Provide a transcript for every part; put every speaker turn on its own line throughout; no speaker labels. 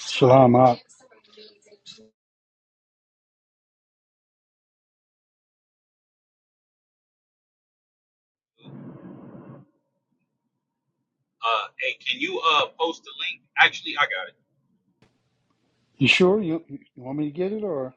Shalom. Ab.
Uh, hey, can you uh post the link? Actually, I got it.
You sure you, you want me to get it or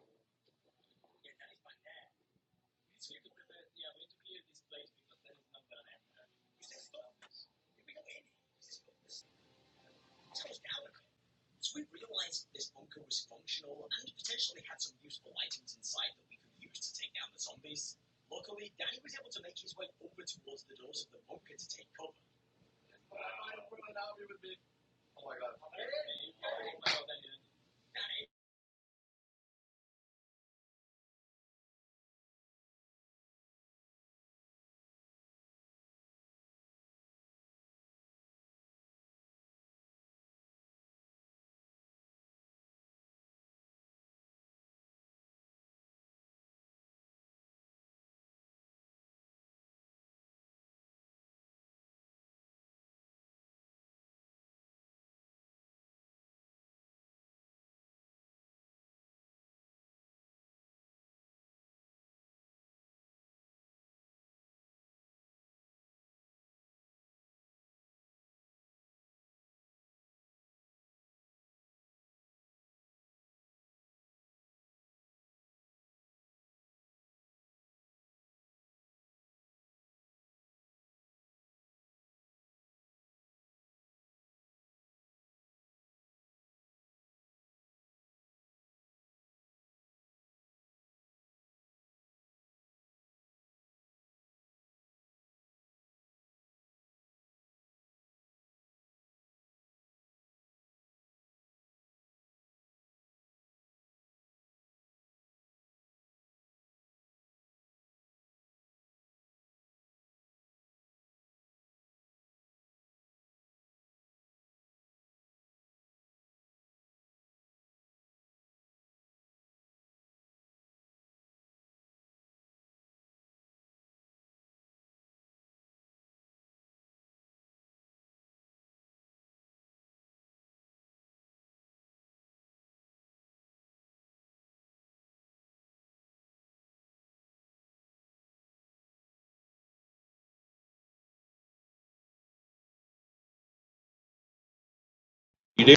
You did?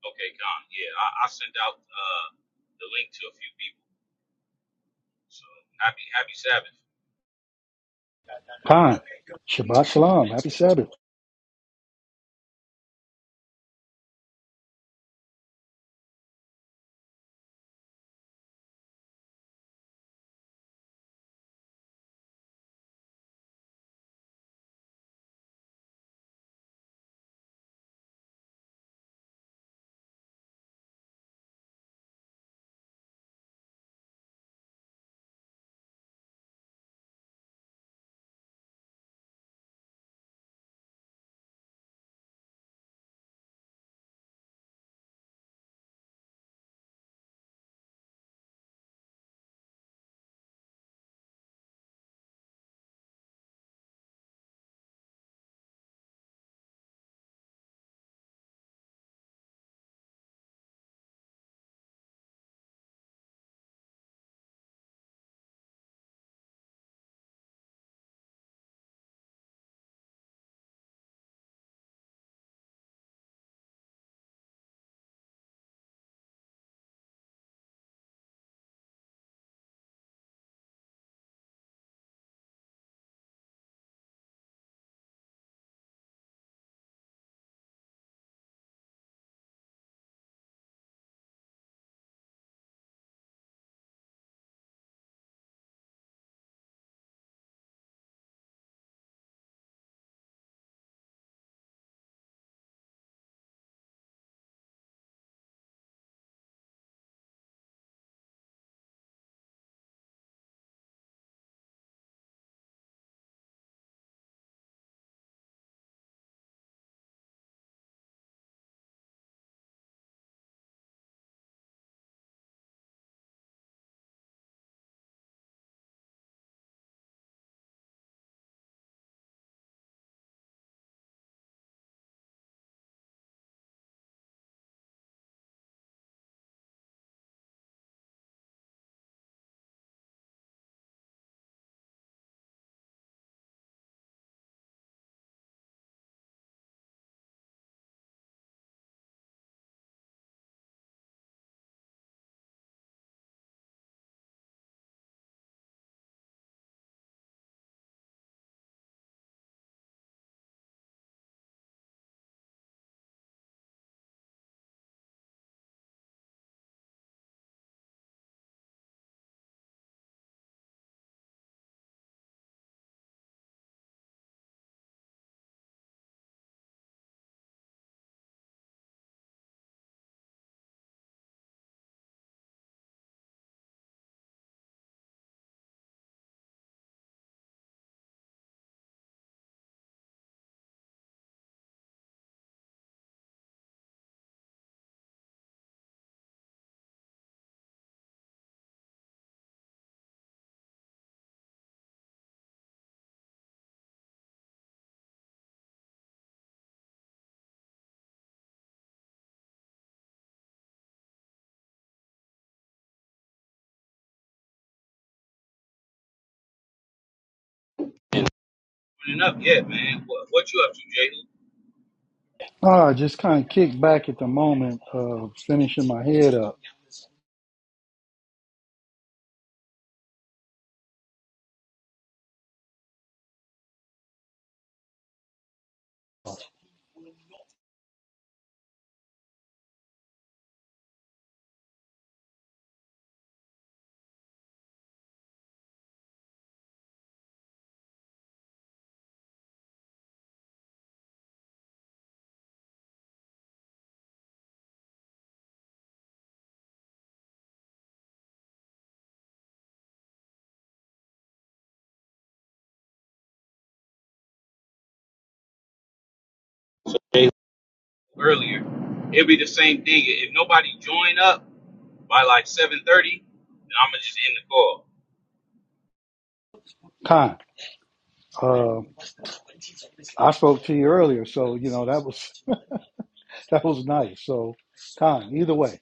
Okay, Con. Yeah, I, I sent out uh the link to a few people. So happy, happy Sabbath.
time? Shabbat shalom. Happy Sabbath.
Running up, yeah, man. What, what you up to, Jalen?
Ah, just kind of kicked back at the moment of finishing my head up.
Jalen. Earlier, it'll be the same thing. If nobody join up by like seven thirty, then I'm gonna just end the call.
Time. Uh, I spoke to you earlier, so you know that was that was nice. So time. Either way,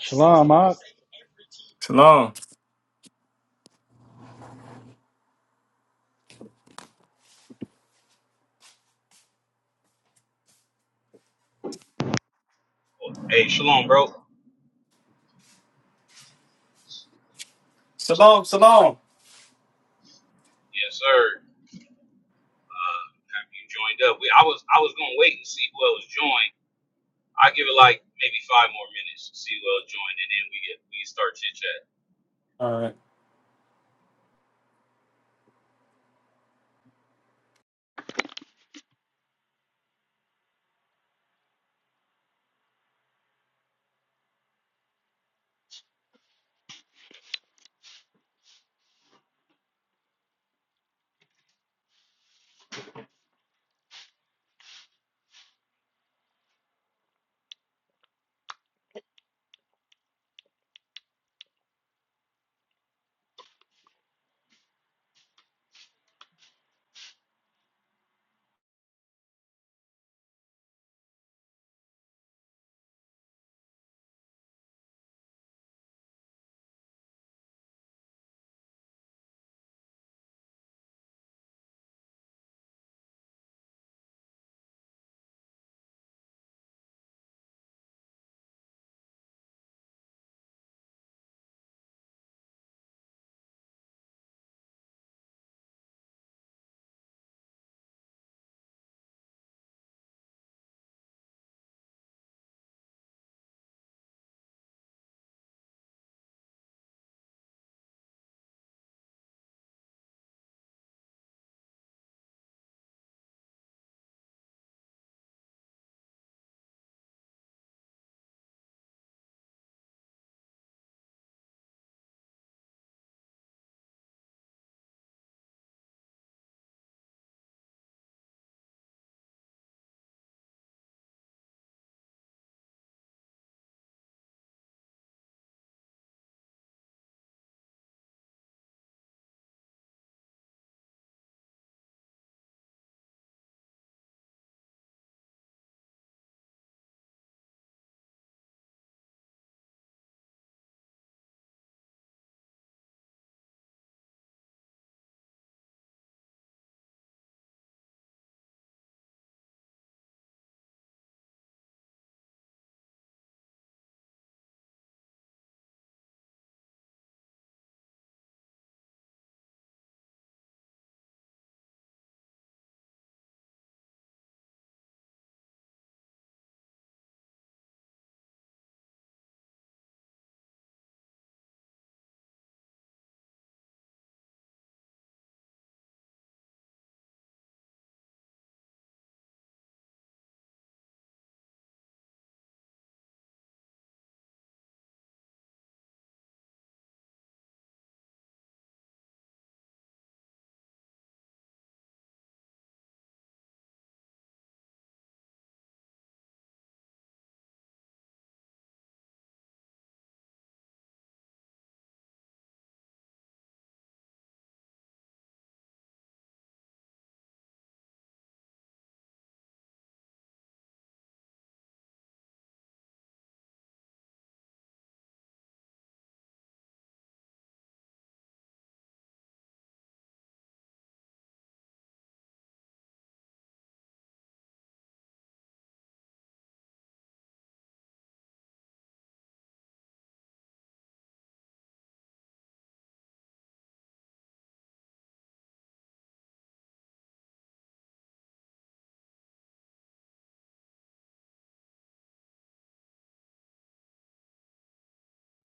shalom. Ab.
Shalom.
Hey, shalom, bro.
Shalom, shalom.
Yes, sir. Uh, have you joined up? We, I was, I was gonna wait and see who else joined. I give it like maybe five more minutes, to see who else joined, and then we get we start chit chatting.
All right.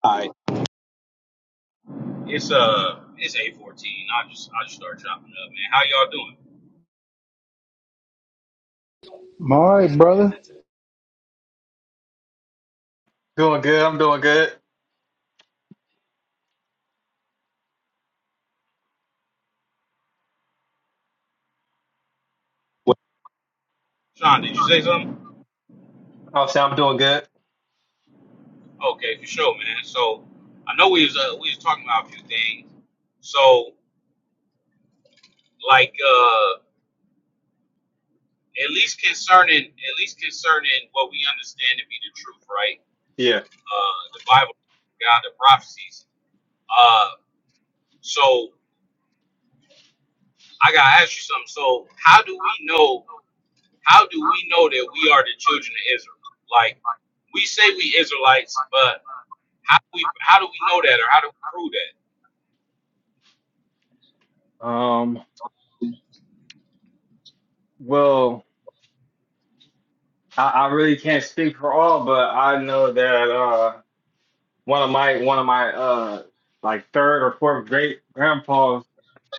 Hi. It's uh, it's eight fourteen. I just I just started chopping up, man. How y'all doing?
I'm all right, brother.
Doing good. I'm doing good.
What- Sean, did you say something?
I'll say I'm doing good.
Okay, for sure, man. So I know we was uh, we was talking about a few things. So like uh, at least concerning at least concerning what we understand to be the truth, right?
Yeah.
Uh, the Bible, God, the prophecies. Uh, so I gotta ask you something. So how do we know? How do we know that we are the children of Israel? Like we say we Israelites, but How do we how do we know that or how do we prove that?
Um. Well, I, I really can't speak for all, but I know that uh one of my one of my uh like third or fourth great grandpas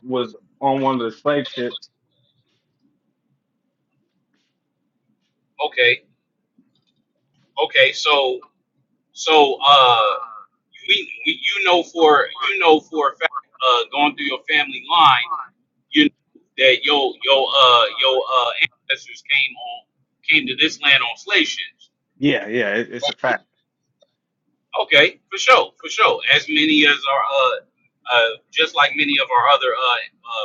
was on one of the slave ships.
Okay, okay, so so uh we, we you know for you know for a fact uh going through your family line, you know that your your uh your uh ancestors came on came to this land on slave ships.
Yeah. Yeah. It, it's a fact.
Okay, for sure, for sure. As many as our, uh, uh, just like many of our other uh,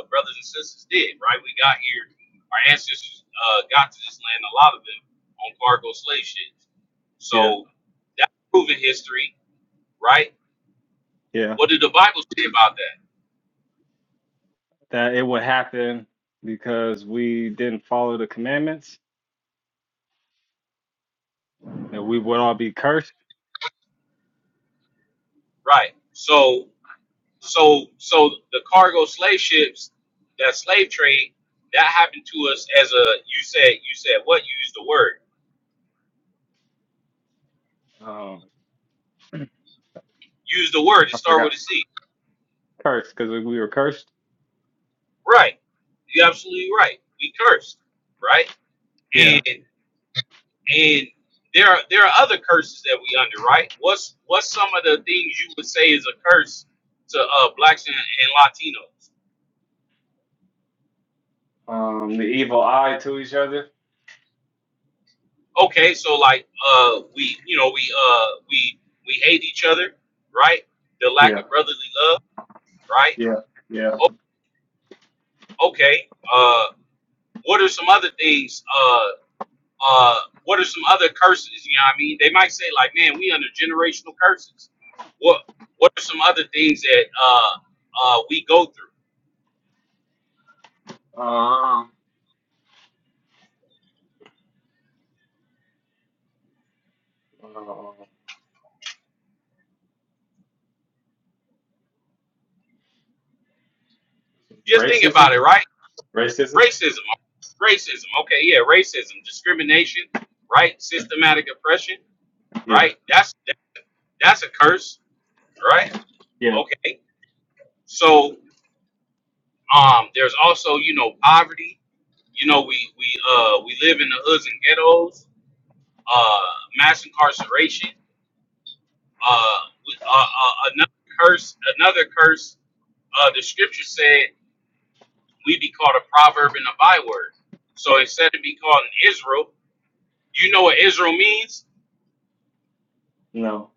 uh, brothers and sisters did, right? We got here, our ancestors uh, got to this land, a lot of them on cargo slave ships.
Yeah.
So that's proven history, right?
Yeah.
What did the Bible say about that?
That it would happen because we didn't follow the commandments, and we would all be cursed.
Right. So, so, so the cargo slave ships, that slave trade, that happened to us as a. You said, you said what? You used the word.
Um.
Use the word to
I
start with
forgot
a C.
cursed because we were cursed.
Right. You're absolutely right. We cursed, right?
Yeah.
And and there are there are other curses that we under, right? What's what's some of the things you would say is a curse to uh blacks and, and Latinos?
Um, the evil eye to each other.
Okay, so like uh we you know we uh we we hate each other, right? The lack
Yeah.
of brotherly love, right?
Yeah. Yeah.
O- okay. Uh what are some other things Uh. Uh, what are some other curses? You know what I mean? They might say like, man, we under generational curses. What What are some other things that uh, uh, we go through?
Um, uh,
Just think
racism.
about it, right?
Racism.
Racism, racism. Okay, yeah, racism, discrimination, right? Systematic oppression,
Yeah.
right? That's that, that's a curse, right?
Yeah.
Okay, so um, there's also you know poverty. You know we we uh we live in the hoods and ghettos. Uh, mass incarceration uh, uh, uh, another curse, another curse. Uh, the scripture said we be called a proverb and a byword. So instead of be called an Israel, you know what Israel means?
No.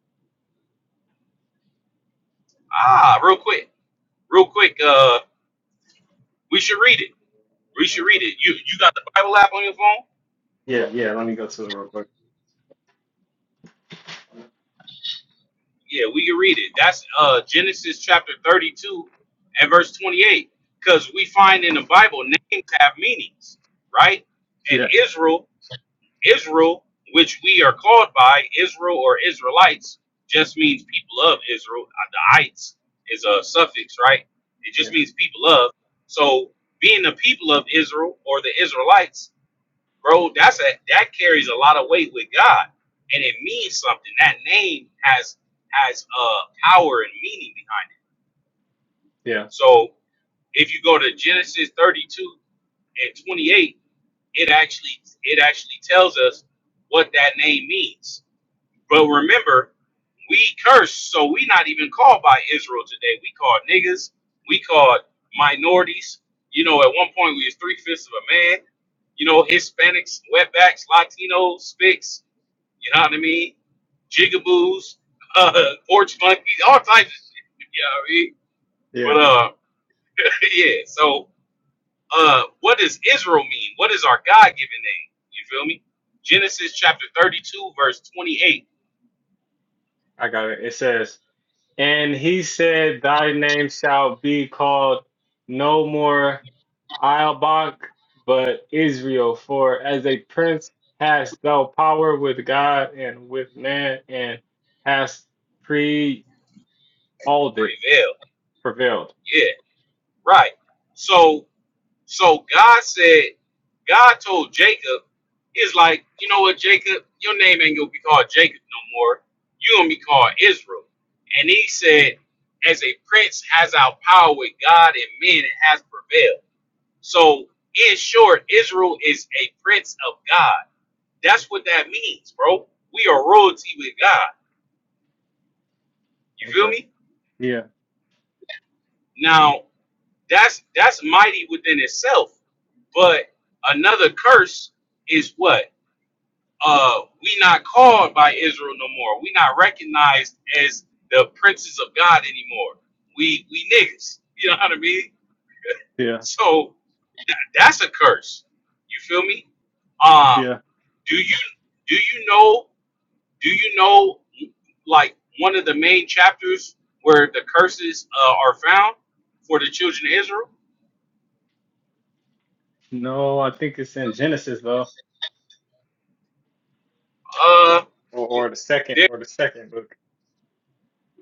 Ah, real quick, real quick. Uh, we should read it. We should read it. You you got the Bible app on your phone?
Yeah, yeah. Let me go to it real quick.
Yeah, we can read it. That's uh, Genesis chapter thirty-two and verse twenty-eight. Because we find in the Bible names have meanings, right? And
Yeah.
Israel Israel, which we are called by Israel or Israelites, just means people of Israel. Uh, The ites is a suffix, right? It
Yeah.
just means people of. So being the people of Israel or the Israelites, bro, that's a that carries a lot of weight with God, and it means something. That name has has uh power and meaning behind it.
Yeah,
So if you go to Genesis 32 and 28, it actually it actually tells us what that name means But remember, we curse, so we not even called by Israel today. We called niggas. We called minorities. You know, at one point we was three fifths of a man. You know, Hispanics, wetbacks, Latinos, spics. You know what I mean? Jigaboos, uh, porch monkeys, all types of shit. You know what
yeah.
I mean? But uh, yeah. So uh, what does Israel mean? What is our God-given name? You feel me? Genesis chapter thirty-two, verse twenty-eight.
I got it. It says. And he said, Thy name shall be called no more Ielbach, but Israel, for as a prince hast thou power with God and with man, and hast pre all it,
Prevail.
prevailed.
Yeah. Right. So so God said, God told Jacob, is like, you know what, Jacob, your name ain't gonna be called Jacob no more. you gonna be called Israel. And he said, As a prince has our power with God and men it has prevailed. So in short, Israel is a prince of God. That's what that means, bro. We are royalty with God. You feel
Okay.
me?
Yeah,
Now That's that's mighty within itself. But another curse is what? Uh we not called by Israel no more. We not recognized as the princes of God anymore. We we niggas. You know what I mean?
yeah,
So that's a curse. You feel me? Um
yeah.
do you do you know do you know like one of the main chapters where the curses uh, are found for the children of Israel?
No, I think it's in Genesis though,
Uh,
or, or the second,
there
or the second book.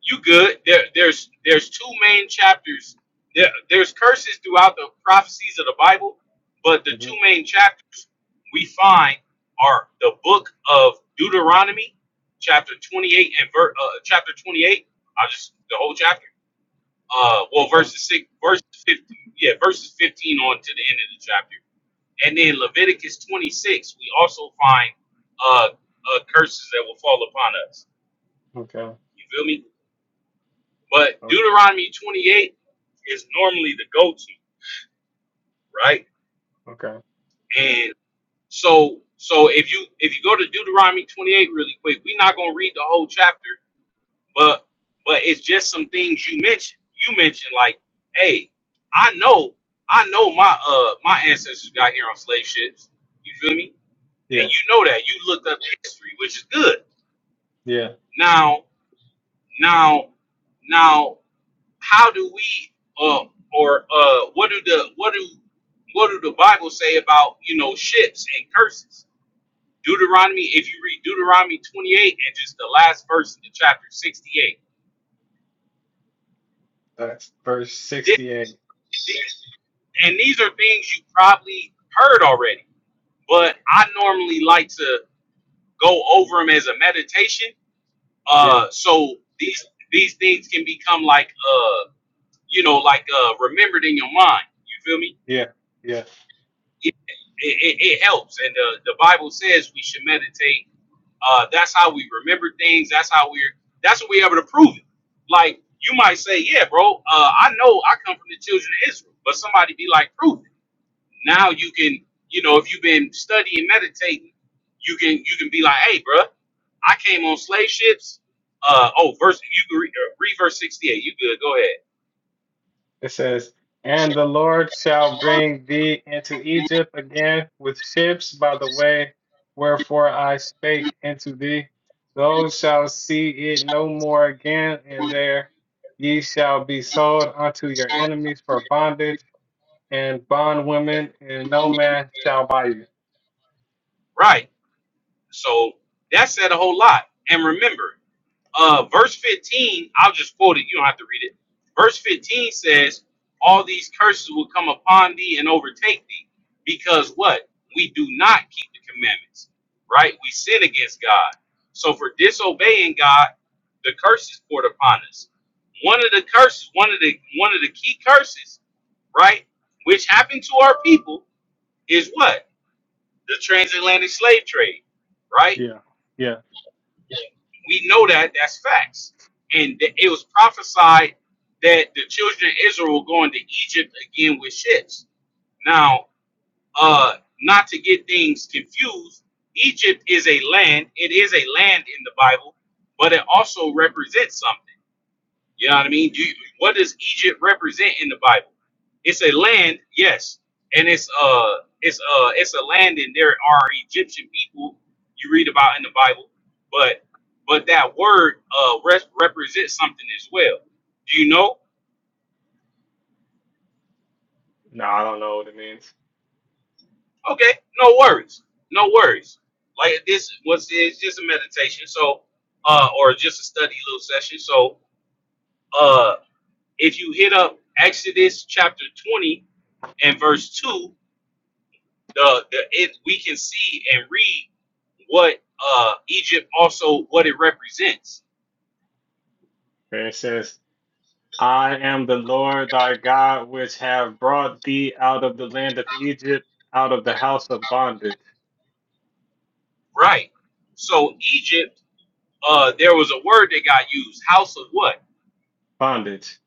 you good. There there's there's two main chapters. There there's curses throughout the prophecies of the Bible, but the
hmm
two main chapters we find are the book of Deuteronomy, chapter 28 and ver, uh, chapter 28. I just the whole chapter. Uh, well,
Okay,
verses six, verse 15, yeah, verses 15 on to the end of the chapter, and then Leviticus 26. We also find uh, uh curses that will fall upon us.
okay,
You feel me? But
okay,
Deuteronomy 28 is normally the go-to, right?
okay.
And so so if you if you go to Deuteronomy 28 really quick, we're not gonna read the whole chapter, but but it's just some things you mentioned. You mentioned like, hey, I know, I know my uh my ancestors got here on slave ships. You feel me? And
Yeah,
you know that you looked up history, which is good.
yeah.
Now, now, now. how do we uh, or uh what do the what do what do the Bible say about you know ships and curses? Deuteronomy, if you read Deuteronomy 28 and just the last verse of the chapter 68,
That's verse
Thi-
sixty-eight.
thi- and these are things you probably heard already, but I normally like to go over them as a meditation.
Yeah.
Uh, so these these things can become like uh you know like uh remembered in your mind. You feel me?
Yeah, yeah.
it, it, it helps. And the, the Bible says we should meditate. Uh, that's how we remember things. That's how we're that's what we're able to prove it. Like you might say, yeah, bro, uh, I know I come from the children of Israel, but somebody be like, prove it. Now you can, you know, if you've been studying, meditating, you can you can be like, hey, bro, I came on slave ships. Uh, oh, verse you can read, uh, read verse sixty eight. You good? Go ahead.
It says, And the Lord shall bring thee into Egypt again with ships by the way wherefore I spake unto thee. Those shall see it no more again, and there ye shall be sold unto your enemies for bondage and bondwomen, and no man shall buy you.
Right. So that said a whole lot. And remember. uh, verse 15, I'll just quote it. You don't have to read it. Verse 15 says, All these curses will come upon thee and overtake thee because what? We do not keep the commandments, right? We sin against God. So for disobeying God, the curse is poured upon us. One of the curses, one of the one of the key curses, right, which happened to our people is what? The transatlantic slave trade, right?
Yeah, yeah.
We know that that's facts. And th- it was prophesied that the children of Israel will go into Egypt again with ships. Now, uh, not to get things confused, Egypt is a land. It is a land in the Bible, but it also represents something. You know what I mean? Do you, what does Egypt represent in the Bible? It's a land, yes, and it's uh it's uh it's a land, and there are Egyptian people you read about in the Bible, but but that word uh re- represents something as well. Do you know?
No, I don't know what it means.
Okay, no worries, no worries. Like this was it's just a meditation, so uh or just a study little session. So uh if you hit up Exodus chapter twenty and verse two the, the it we can see and read what uh Egypt also what it represents.
And it says, I am the Lord thy God, which have brought thee out of the land of Egypt, out of the house of bondage.
Right. So Egypt, uh there was a word that got used, house of what?
Bondage.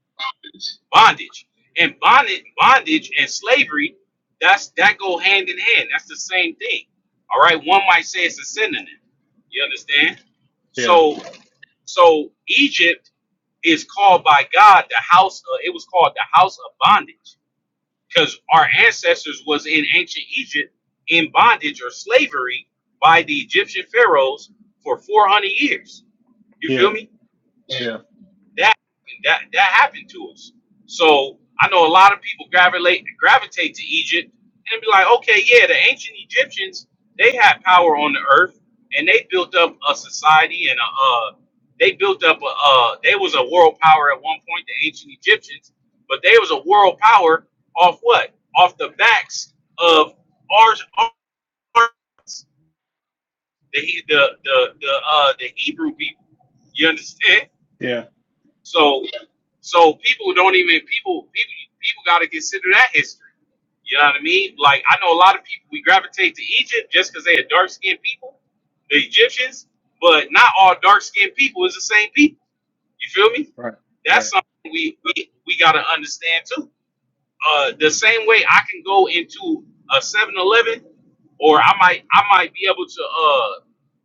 Bondage. And bondage bondage and slavery, that's that go hand in hand. That's the same thing. All right. One might say it's a synonym. You understand?
Yeah,
So so Egypt is called by God the house of, it was called the house of bondage because our ancestors was in ancient Egypt in bondage or slavery by the Egyptian pharaohs for 400 years. You feel
yeah,
me?
yeah,
That that that happened to us. So I know a lot of people gravitate gravitate to Egypt and be like, okay, yeah, the ancient Egyptians they had power on the earth and they built up a society and a uh, they built up a uh, they was a world power at one point, the ancient Egyptians, but they was a world power off what? Off the backs of our, our the the the the, uh, the Hebrew people. You understand?
yeah.
So so people don't even people people people got to consider that history. You know what I mean? Like I know a lot of people we gravitate to Egypt just because they are dark skinned people, the Egyptians, but not all dark skinned people is the same people. You feel me?
Right, right.
That's something we we, we got to understand too. Uh, the same way I can go into a Seven Eleven, or I might I might be able to uh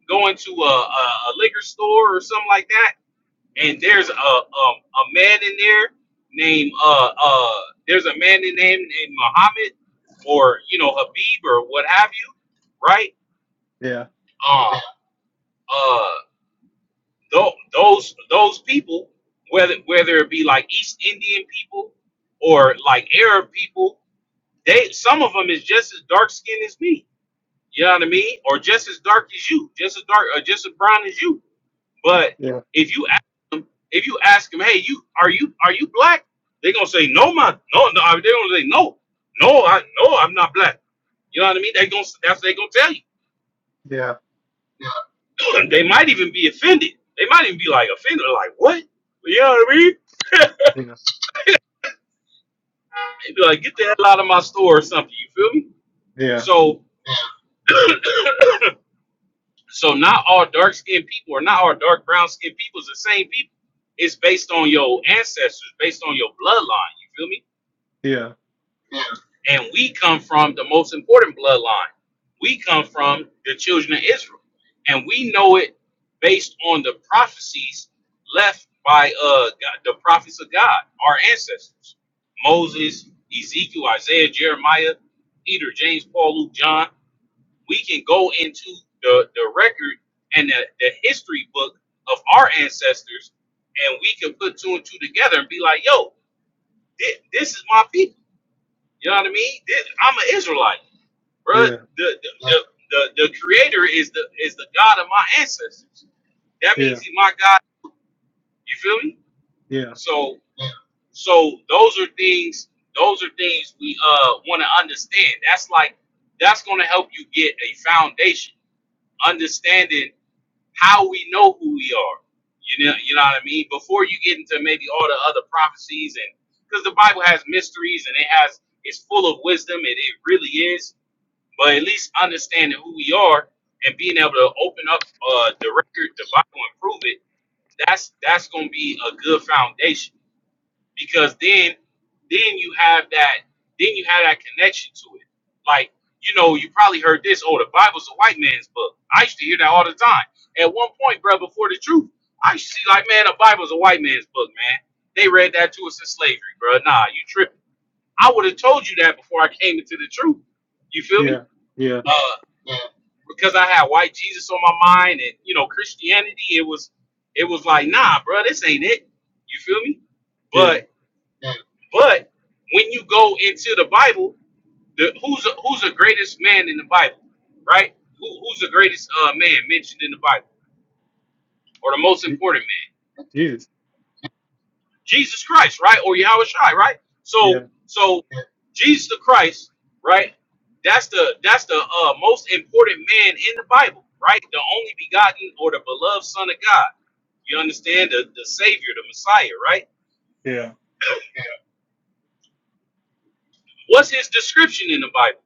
go into a, a, a liquor store or something like that and there's a um a man in there named uh uh there's a man in name named Muhammad or you know Habib or what have you, right?
Yeah,
Um uh tho- those those people whether whether it be like East Indian people or like Arab people, they some of them is just as dark skinned as me. You know what I mean? Or just as dark as you, just as dark or just as brown as you But
yeah,
if you ask them, if you ask them, hey, you are you are you black? They're gonna say no, my no, no. They're gonna say no, no, I no, I'm not black. You know what I mean? They gonna that's what they gonna tell
yeah,
you. they might even be offended. They might even be like offended, like what? You know what I mean?
yeah,
They be like, get the hell out of my store or something. You feel me?
yeah,
So, so not all dark skinned people or not all dark brown skinned people is the same people. It's based on your ancestors, based on your bloodline. You feel me?
yeah, yeah,
And we come from the most important bloodline. We come from the children of Israel. And we know it based on the prophecies left by uh, God, the prophets of God, our ancestors Moses, Ezekiel, Isaiah, Jeremiah, Peter, James, Paul, Luke, John. We can go into the, the record and the, the history book of our ancestors, and we can put two and two together and be like, yo, thi- this is my people. You know what I mean? This, I'm an Israelite. Bruh, the, the, the, the, the creator is the is the God of my ancestors. That
yeah,
means he's my God. You feel me?
yeah,
So so those are things those are things we uh want to understand. That's like that's gonna help you get a foundation, understanding how we know who we are. You know, you know what I mean? Before you get into maybe all the other prophecies and because the Bible has mysteries and it has it's full of wisdom and it really is but at least understanding who we are and being able to open up uh, the record, the Bible, and prove it. That's that's going to be a good foundation because then then you have that then you have that connection to it. Like you know, you probably heard this. Oh, the Bible's a white man's book. I used to hear that all the time. At one point, bro, before the truth, I used to see like, man, the Bible's a white man's book, man. They read that to us in slavery, bro. Nah, you tripping. I would have told you that before I came into the truth. You feel me?
yeah, yeah,
Uh, because I had white Jesus on my mind and you know Christianity, it was it was like, nah, bro, this ain't it. You feel me?
yeah.
But but when you go into the Bible, the who's the- who's the greatest man in the Bible, right? Who, who's the greatest uh, man mentioned in the Bible, or the most
Je-
important man?
Jesus.
Jesus Christ, right? Or Yahweh Shai, right? So
Yeah,
so Jesus the Christ, right? That's the that's the uh, most important man in the Bible, right? The only begotten or the beloved Son of God You understand the, the Savior, the Messiah, right?
yeah.
What's his description in the Bible?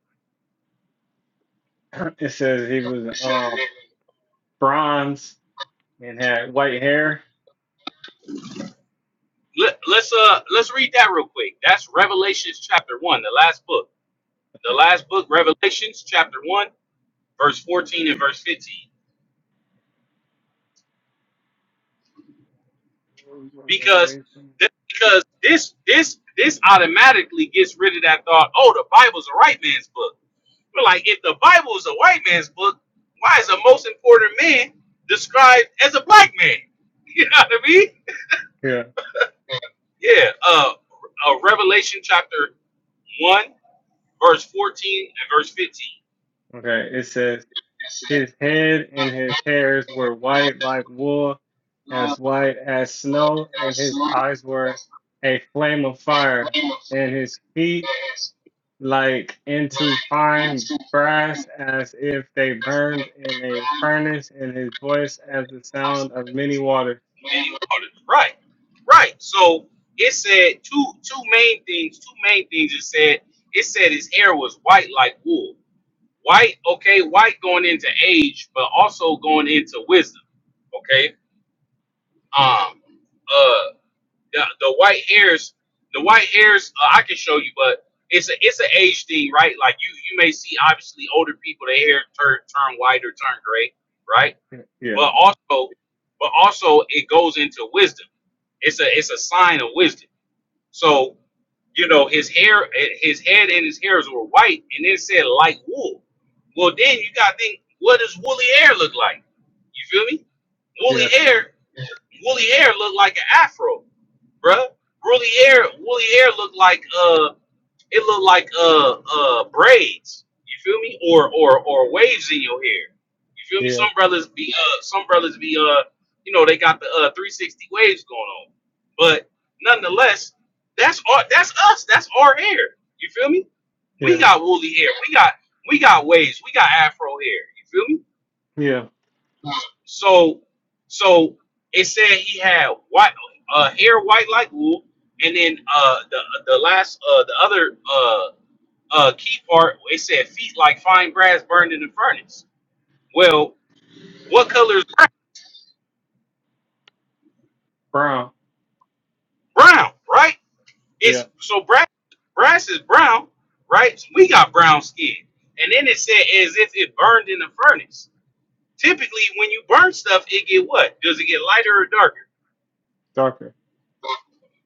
It says he was um bronze and had white hair.
Let, let's uh let's read that real quick. That's Revelations chapter one, the last book. The
Okay.
last book, Revelations chapter one, verse fourteen and verse fifteen. Because th- because this this this automatically gets rid of that thought. Oh, the Bible's a white man's book. We're like, if the Bible is a white man's book, why is the most important man described as a black man? You know what I mean?
Yeah.
Yeah, uh, uh Revelation chapter one, verse fourteen and verse fifteen.
Okay. It says. His head and his hairs were white like wool, as white as snow, and his eyes were a flame of fire, and his feet like into fine brass, as if they burned in a furnace, and his voice as the sound of many waters.
And you called it right, right. So it said two two main things. Two main things it said. It said his hair was white like wool. White, okay, white going into age, but also going into wisdom. Okay, um, uh, the, the white hairs, the white hairs, uh, I can show you, but it's a it's an age thing, right? Like you you may see obviously older people their hair turn turn white or turn gray, right?
Yeah,
But also, but also it goes into wisdom. It's a it's a sign of wisdom. So you know his hair, eh, his head and his hairs were white, and then said light wool. Well, then you got to think, what does woolly hair look like? You feel me? Woolly
yeah,
hair, woolly hair look like an afro bruh. Woolly hair, woolly hair looked like uh, it looked like uh uh braids. You feel me? Or or or waves in your hair. You feel me?
yeah,
Some brothers be uh, some brothers be uh, you know, they got the uh 360 waves going on. But nonetheless, that's our that's us. That's our hair. You feel me? We
yeah,
got woolly hair. We got we got waves. We got afro hair. You feel me?
yeah.
So, so it said he had white uh, hair white like wool, and then uh, the the last uh, the other uh, uh, key part it said feet like fine brass burned in the furnace. Well, what color is brass?
Brown,
brown? Right?
yeah,
It's so brass. Brass is brown, right? So we got brown skin, and then it said as if it burned in the furnace. Typically, when you burn stuff, it get what? Does it get lighter or darker?
darker,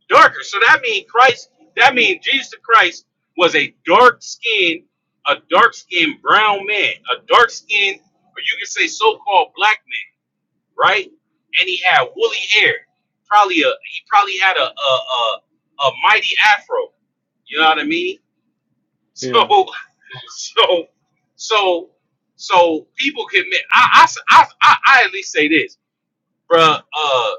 darker. So that means Christ, that means Jesus Christ was a dark skinned, a dark skinned brown man, a dark skinned, or you can say so called black man, right? And he had woolly hair. Probably a he probably had a a a, a mighty afro. You know what I mean? So
yeah,
so so so people can make I I, I I I at least say this bruh, uh,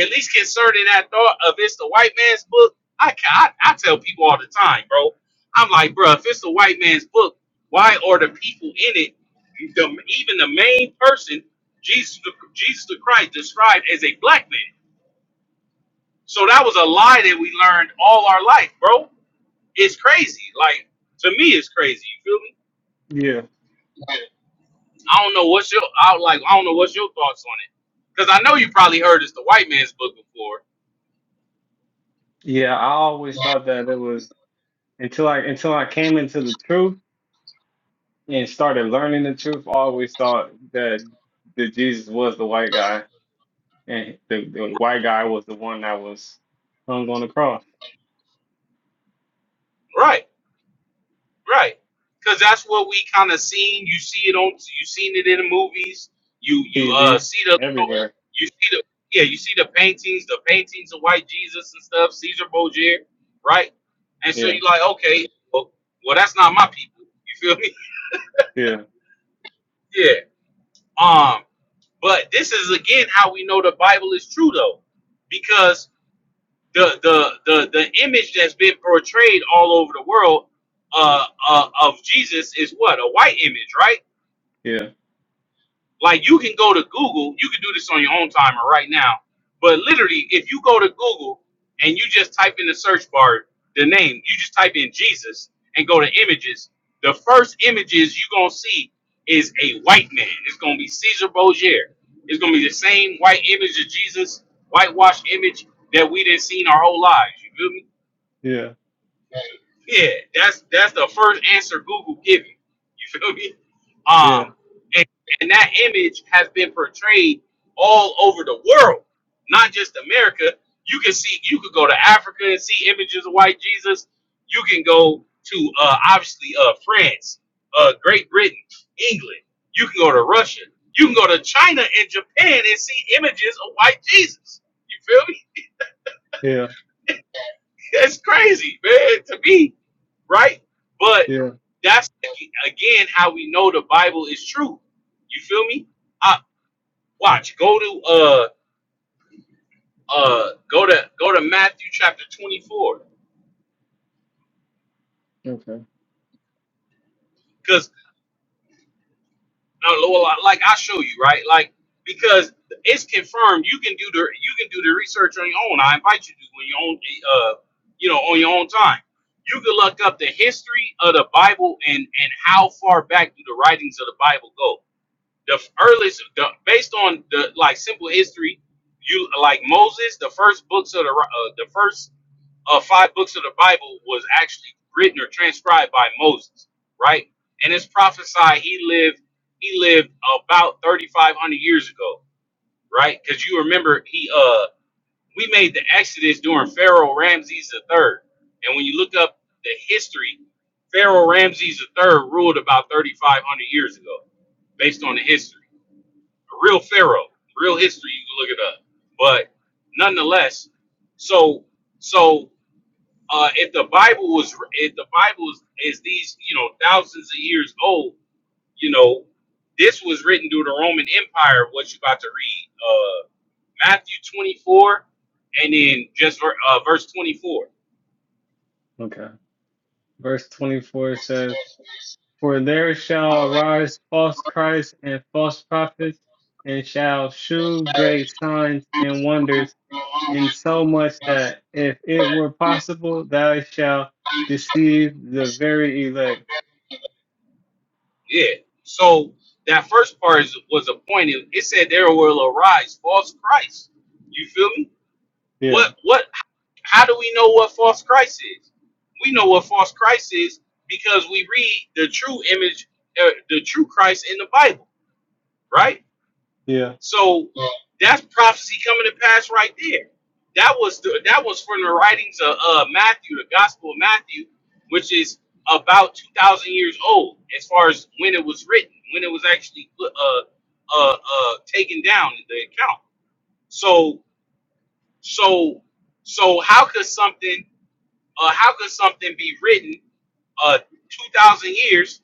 at least concerning that thought of it's the white man's book, I, ca- I I tell people all the time, bro. I'm like, bruh, if it's the white man's book, why are the people in it, the, even the main person, Jesus the, Jesus the Christ, described as a black man? So that was a lie that we learned all our life, bro. It's crazy. Like to me, it's crazy. You feel me?
yeah,
I don't know what's your out like. I don't know what's your thoughts on it, because I know you probably heard it's the white man's book before,
yeah. I always thought that it was until I until I came into the truth and started learning the truth, I always thought that that Jesus was the white guy, and the, the white guy was the one that was hung on the cross.
right? Right. Cause that's what we kind of seen. You see it on you seen it in the movies. You you uh
TV
see the
everywhere.
you see the yeah, you see the paintings, the paintings of white Jesus and stuff, Caesar Borgia, right? And so
Yeah,
you like, okay, well, well that's not my people. You feel me?
yeah,
yeah. Um, but this is again how we know the Bible is true though. Because the the the the image that's been portrayed all over the world uh, uh of Jesus is what? A white image, right?
yeah,
Like you can go to Google, you can do this on your own timer right now. But literally, if you go to Google and you just type in the search bar the name, you just type in Jesus and go to images. The first images you're gonna see is a white man. It's gonna be Caesar Borgia. It's gonna be the same white image of Jesus, whitewashed image that we done seen our whole lives. You feel me?
yeah,
Yeah, that's that's the first answer Google give you. You feel me?
yeah,
Um, and, and that image has been portrayed all over the world, not just America. You can see, you could go to Africa and see images of white Jesus. You can go to uh, obviously uh, France, uh, Great Britain, England. You can go to Russia. You can go to China and Japan and see images of white Jesus. You feel me?
yeah,
That's crazy, man. To me, right? But
yeah.
that's again how we know the Bible is true. You feel me? I watch. Go to uh uh go to go to Matthew chapter twenty four
Okay,
because like I show you right like because it's confirmed you can do the you can do the research on your own. I invite you to do on your own uh you know on your own time. You can look up the history of the Bible and and how far back do the writings of the Bible go the earliest the, based on the like simple history you like moses the first books of the uh, the first uh, five books of the bible was actually written or transcribed by moses right and it's prophesied he lived he lived about 3500 years ago right because you remember he uh we made the exodus during pharaoh ramses the third and when you look up the history pharaoh ramses the third ruled about 3500 years ago based on the history a real pharaoh, real history. You can look it up. But nonetheless, so so uh, if the Bible was if the Bible is, is these you know thousands of years old, you know this was written through the Roman Empire. What you about to read? Uh, Matthew twenty four, and then just uh, verse twenty four.
okay. Verse twenty-four says, "For there shall arise false Christs and false prophets, and shall shew great signs and wonders." in so much that if it were possible, thou shalt deceive the very elect.
Yeah. So that first part is, was appointed. It said there will arise false Christ. You feel me?
Yeah,
What what How do we know what false Christ is? We know what false Christ is because we read the true image, uh, the true Christ in the Bible, right?
yeah,
So that's prophecy coming to pass right there. That was the, that was from the writings of uh, Matthew, the Gospel of Matthew, which is about two thousand years old as far as when it was written, when it was actually uh, uh, uh, taken down in the account. So so so how could something Uh, how could something be written uh, 2,000 years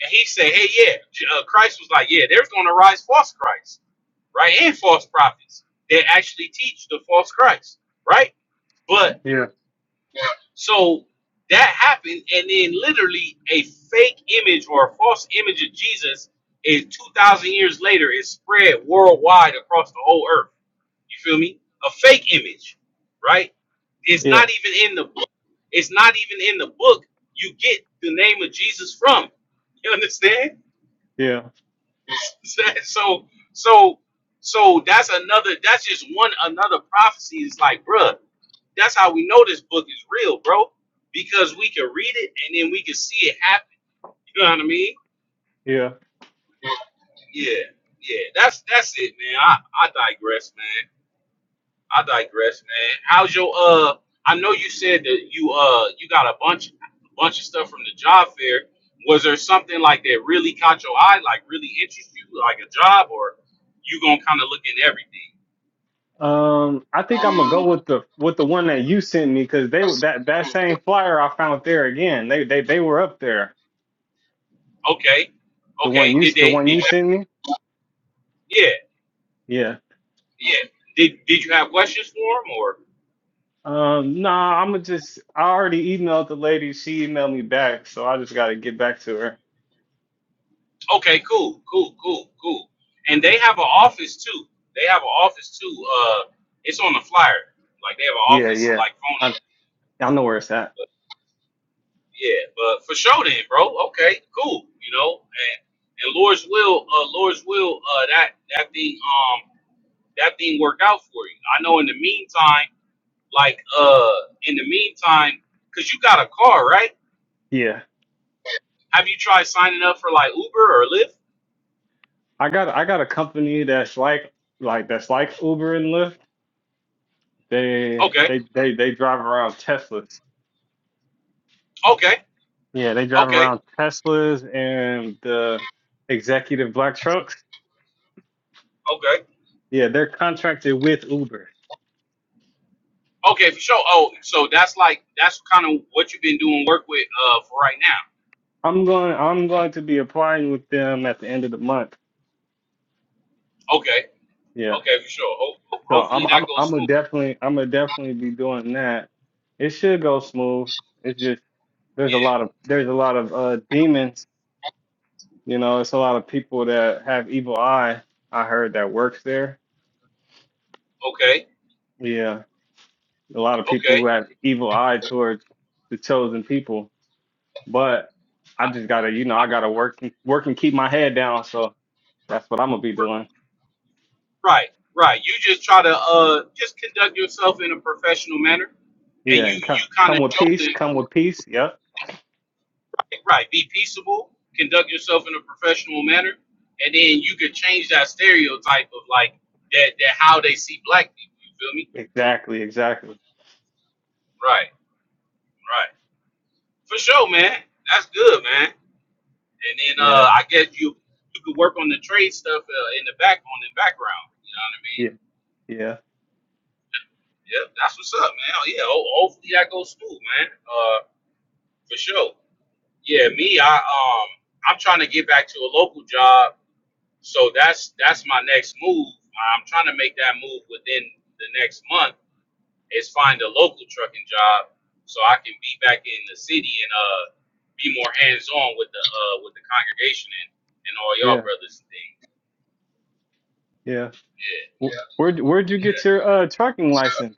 and he said, hey, yeah, J- uh, Christ was like, yeah, there's going to rise false Christ, right? And false prophets that actually teach the false Christ, right? But
yeah,
so that happened, and then literally a fake image or a false image of Jesus is 2,000 years later is spread worldwide across the whole earth you feel me? A fake image, right? It's
yeah,
not even in the book. It's not even in the book. You get the name of Jesus from. You understand?
yeah,
so so so that's another. That's just one another prophecy. Is like, bruh, that's how we know this book is real, bro. Because we can read it and then we can see it happen. You know what I mean?
yeah.
Yeah, yeah. That's that's it, man. I I digress, man. I digress, man. How's your uh? I know you said that you uh you got a bunch bunch of stuff from the job fair. Was there something like that really caught your eye, like really interest you, like a job, or you gonna kind of look in everything?
Um, I think I'm gonna go with the with the one that you sent me because they were that that same flyer I found there again. They they they were up there.
Okay,
The one
okay.
you
Did
the
they?
one
Did
you
you?
sent me.
Yeah,
Yeah.
yeah. Did Did you have questions for them or?
Um, nah, I'm gonna just I already emailed the lady. She emailed me back, so I just gotta get back to her.
Okay, cool, cool, cool, cool. And they have an office too. They have an office too. Uh, it's on the flyer. Like they have an
Yeah,
office,
yeah.
like phone
I I know where it's at.
Yeah, but for sure then, bro. Okay, cool. You know, and and Lord's will, uh, Lord's will, uh, that that thing, um, that thing worked out for you. I know. In the meantime, like, uh, in the meantime, cause you got a car, right?
Yeah.
Have you tried signing up for like Uber or Lyft?
I got I got a company that's like like that's like Uber and Lyft. They
Okay,
they they they drive around Teslas.
okay,
Yeah, they drive
okay,
around Teslas and the executive black trucks.
okay,
Yeah, they're contracted with Uber.
okay, for sure. Oh, so that's like that's kind of what you've been doing work with, uh, for right now.
I'm going I'm going to be applying with them at the end of the month.
Okay,
Yeah.
okay, for sure. Ho- ho-
So
hopefully
I'm
that
I'm
goes
I'm gonna
smooth.
definitely I'm gonna definitely be doing that. It should go smooth. It's just there's a lot of there's a lot of uh demons You know, it's a lot of people that have evil eye. I heard that works there.
Yeah. Okay.
Yeah, a lot of people who
Okay.
have evil eye towards the chosen people. But I just gotta, you know, I gotta work, work and keep my head down. So that's what I'm gonna be doing.
Right, right. You just try to uh just conduct yourself in a professional manner, and
Yeah,
you
and come,
you kind
come
of
with
show
peace.
them
Come with peace. Yep.
right. Be peaceable, conduct yourself in a professional manner, and then you could change that stereotype of like that that how they see black people. You feel me?
Exactly. Exactly.
Right, right. For sure, man. That's good, man. And then
Yeah.
uh I guess you you could work on the trade stuff uh, in the back on the background. You know what I mean?
Yeah. Yeah.
Yep, that's what's up, man. Oh, Yeah, ho- hopefully that goes through, man. Uh, for sure. Yeah,
Yeah.
me, I um I'm trying to get back to a local job. So that's that's my next move. I'm trying to make that move within the next month is find a local trucking job so I can be back in the city and uh be more hands on with the uh with the congregation and, and all y'all
Yeah.
brothers and things.
Yeah. Wh-
Yeah.
Where'd Where'd you get your uh trucking license?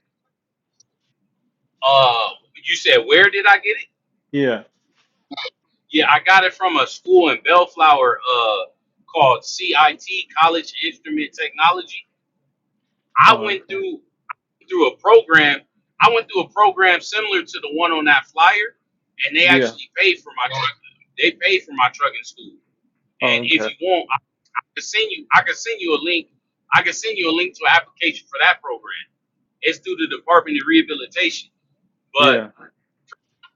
Uh you said where did I get it?
Yeah.
Yeah, I got it from a school in Bellflower uh called CIT College Instrument Technology. I
Oh,
went
okay.
through. through a program. I went through a program similar to the one on that flyer, and they
Yeah.
actually paid for my truck. They paid for my trucking school.
Oh,
And
okay.
if you want, I can send you. I can send you a link. I can send you a link to an application for that program. It's through the Department of Rehabilitation, but
Yeah.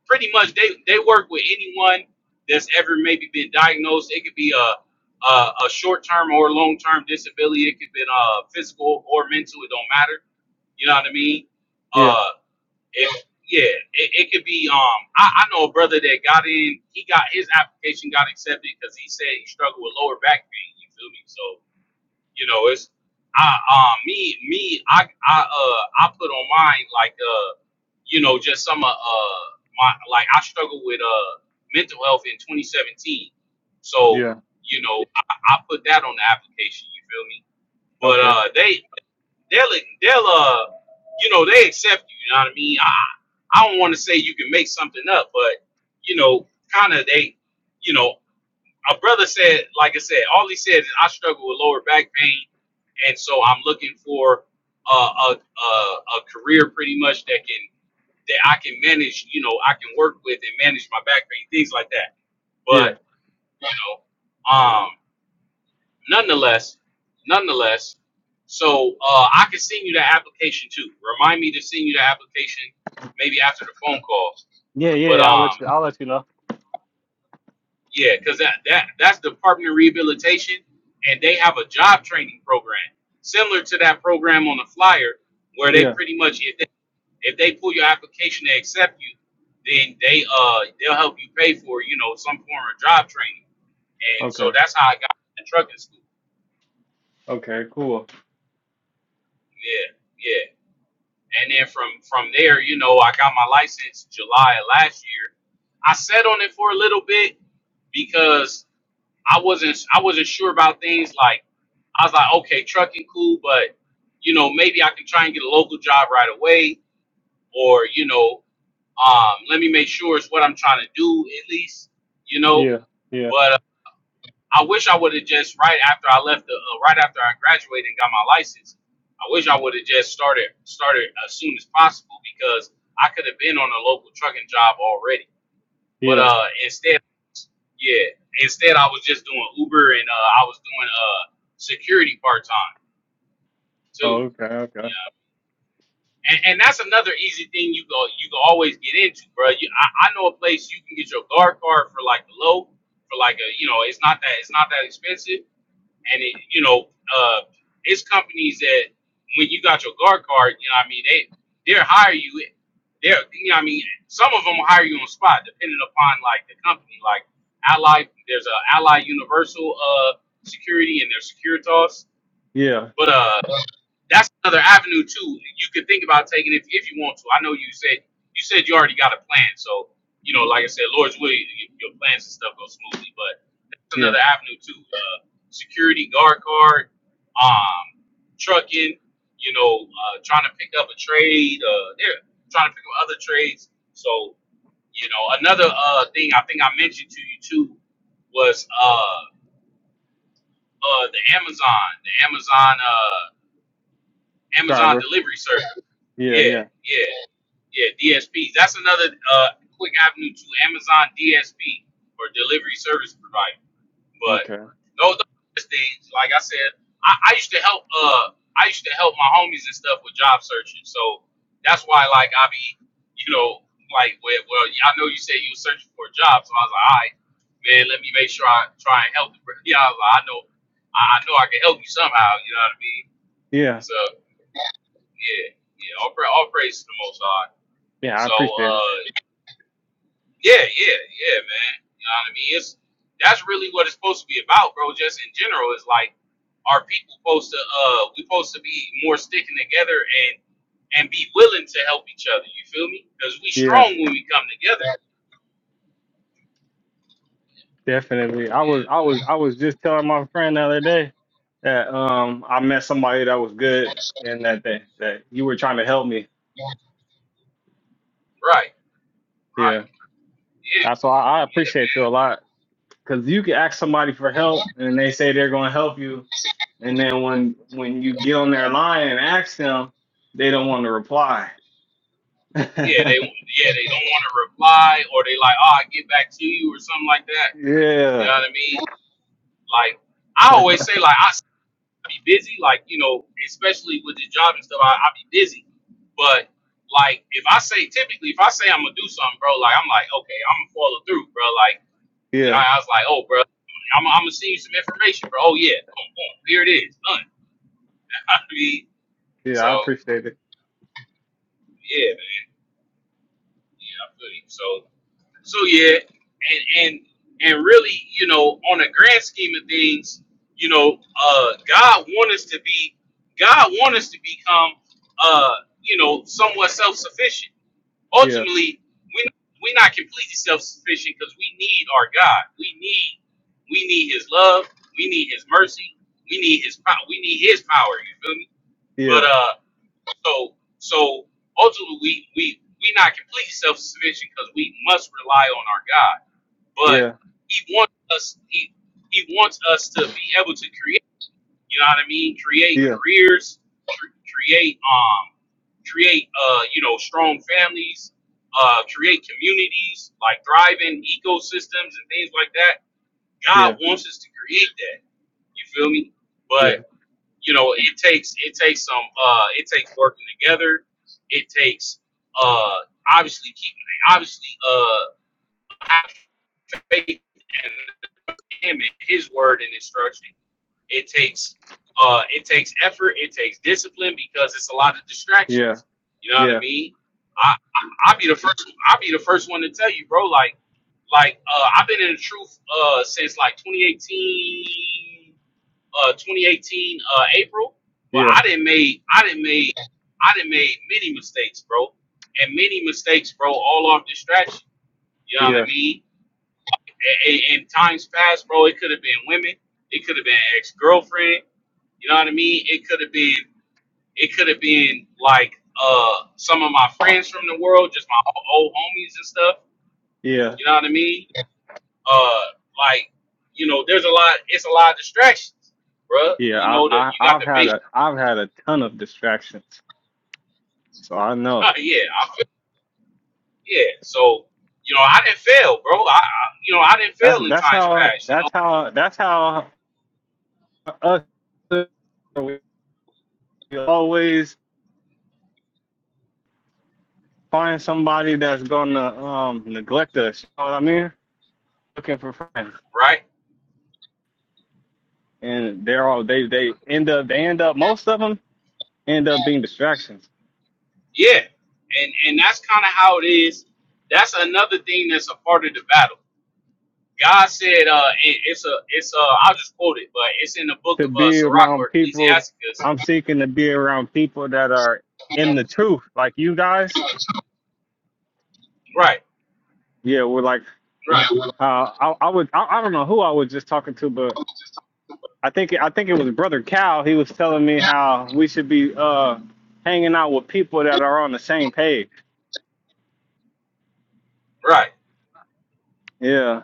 pretty much they they work with anyone that's ever maybe been diagnosed. It could be a a, a short term or long term disability. It could be uh, physical or mental. It don't matter. You know what I mean?
Yeah.
Uh. If yeah, it, it could be. Um, I, I know a brother that got in. He got his application got accepted because he said he struggled with lower back pain. You feel me? So you know, it's I um me me I I uh I put on mine like uh you know just some uh, uh my like I struggled with uh mental health in 2017. So
Yeah.
you know I, I put that on the application. You feel me? But
Okay.
uh, they They'll they'll uh you know they accept you. You know what I mean? I I don't want to say you can make something up, but you know, kind of they, you know, a brother said, like I said, all he said is I struggle with lower back pain, and so I'm looking for uh, a a a career pretty much that can that I can manage. You know, I can work with and manage my back pain, things like that.
Yeah.
But you know, um. Nonetheless, nonetheless, so uh, I can send you the application too. Remind me to send you the application maybe after the phone calls.
Yeah, yeah,
But
yeah, I'll let you
um,
I'll let you know.
yeah, because that, that that's Department of Rehabilitation, and they have a job training program similar to that program on the flyer, where they
Yeah.
pretty much if they, if they pull your application, they accept you, then they uh they'll help you pay for you know some form of job training, and so
Okay.
that's how I got in trucking school.
Okay, cool.
Yeah, Yeah, And then from from there, you know, I got my license July of last year. I sat on it for a little bit because I wasn't I wasn't sure about things like I was like, okay, trucking cool, but you know, maybe I can try and get a local job right away or, you know, um, let me make sure it's what I'm trying to do at least, you know.
Yeah. Yeah.
But. I wish I would have just right after I left the uh, right after I graduated and got my license. I wish I would have just started started as soon as possible because I could have been on a local trucking job already. But
Yeah.
uh, instead, yeah, instead I was just doing Uber and uh, I was doing uh security part time
Oh,
too.
okay, okay.
Yeah, and, and that's another easy thing you go you can always get into, bro. You, I, I know a place you can get your guard card for like low, for like a you know it's not that it's not that expensive and it, you know, uh, it's companies that when you got your guard card, you know, what I mean, they they'll hire you. They're, you know, what I mean, some of them will hire you on the spot, depending upon like the company. Like Ally, there's a Ally Universal uh security, and there's Securitas,
Yeah.
but uh that's another avenue too. You could think about taking if if you want to. I know you said you said you already got a plan, so you know, like I said, Lord's will y- your plans and stuff go smoothly. But that's
Yeah.
another avenue too. Uh, security guard card, um, trucking. You know, uh, trying to pick up a trade. Uh, they're trying to pick up other trades. So you know, another uh thing I think I mentioned to you too was uh uh the Amazon, the Amazon uh Amazon
Driver.
delivery service.
Yeah,
Yeah,
yeah.
yeah, yeah. DSP. That's another uh, quick avenue to Amazon DSP or delivery service provider. But
Okay.
those are things, like I said, I, I used to help. Uh, I used to help my homies and stuff with job searching. So that's why, like, I be, you know, like, well, well yeah, I know you said you were searching for a job, so I was like, all right, man, let me make sure I try and help the. bro- Yeah, I was like, I know, I, I know, I can help you somehow. You know what I mean?
Yeah.
So yeah, yeah. All, pra- all praise to the Most High.
Yeah, I
So
appreciate it.
uh, yeah, yeah, yeah, man. You know what I mean? It's that's really what it's supposed to be about, bro. Just in general, is like our people supposed to uh, we supposed to be more sticking together and and be willing to help each other. You feel me? Because we
Yeah,
strong when we come together.
definitely. I was
Yeah,
I was I was just telling my friend the other day that um I met somebody that was good and that that, that you were trying to help me.
right,
Yeah.
right. Yeah,
Uh, So I, I
yeah,
appreciate you a
man.
lot. Because you can ask somebody for help and they say they're going to help you. And then when when you get on their line and ask them, they don't want to reply.
Yeah, they yeah they don't want to reply or they like oh I get back to you or something like that. You
yeah.
know what I mean? Like I always say, like I be busy, like you know, especially with the job and stuff. I, I be busy, but like if I say typically, if I say I'm gonna do something, bro, like I'm like, okay, I'm gonna follow through, bro. Like you know,
Yeah.
I was like, oh, bro, I'm, I'm gonna send you some information, bro. Oh yeah, boom, boom, here it is, done. I mean,
Yeah.
so
I appreciate it.
yeah, man, yeah, I feel you. So So yeah, and and and really, you know, on a grand scheme of things, you know, uh, God want us to be, God want us to become, uh, you know, somewhat self sufficient.
Yeah.
Ultimately, we we're not completely self sufficient because we need our God. We need we need His love. We need His mercy. We need His power. We need His power. You feel me? But
Yeah.
uh, so so ultimately, we we we are not completely self sufficient because we must rely on our God but
Yeah.
he wants us he he wants us to be able to create you know what i mean create
Yeah.
careers cr- create um create uh you know strong families uh create communities like thriving ecosystems and things like that
Yeah.
god wants us to create that you feel me
Yeah. Yeah.
but you know it takes it takes some uh it takes working together it takes uh obviously keeping obviously uh having faith and him and his word and instruction. It takes uh it takes effort, it takes discipline because it's a lot of
Yeah.
distractions. You know what I mean? I, I I'll be the first I'll be the first one to tell you, bro, like like uh I've been in the truth uh since like 2018 uh 2018 uh April, but
Yeah.
I didn't made I didn't made I didn't made many mistakes, bro. And many mistakes, bro, all off distraction. You know what
Yeah.
I mean? A- in times past, bro, it could have been women, it could have been ex girlfriend. You know what I mean? It could have been, it could have been like uh some of my friends from the world, just my old homies and stuff.
Yeah.
You know what I mean? Uh, like you know, there's a lot. It's a lot of distractions, bro.
Yeah.
You
I,
know that
I
you got
I've
the
had
big,
a I've had a ton of distractions. So I know.
yeah, I feel, yeah. So you know, I didn't fail, bro. I, I you know, I didn't
That's
fail in
that's
times
how
past. You know,
that's how that's how us we always find somebody that's gonna um neglect us. You know what I mean? Looking for friends,
right?
and they're all they they end up they end up most of them end up being distractions.
Yeah, and and that's kind of how it is. That's another thing that's a part of the battle. God said, uh, it, it's a, it's i I'll just quote it, but it's in the book
To
of uh,
be
Sirach
around
or
people,
Ecclesiasticus.
I'm seeking to be around people that are in the truth, like you guys.
Right,
Yeah, we're like
right,
uh, I I would I, I don't know who I was just talking to, but I think I think it was Brother Cal. He was telling me how we should be uh hanging out with people that are on the same page.
right.
Yeah,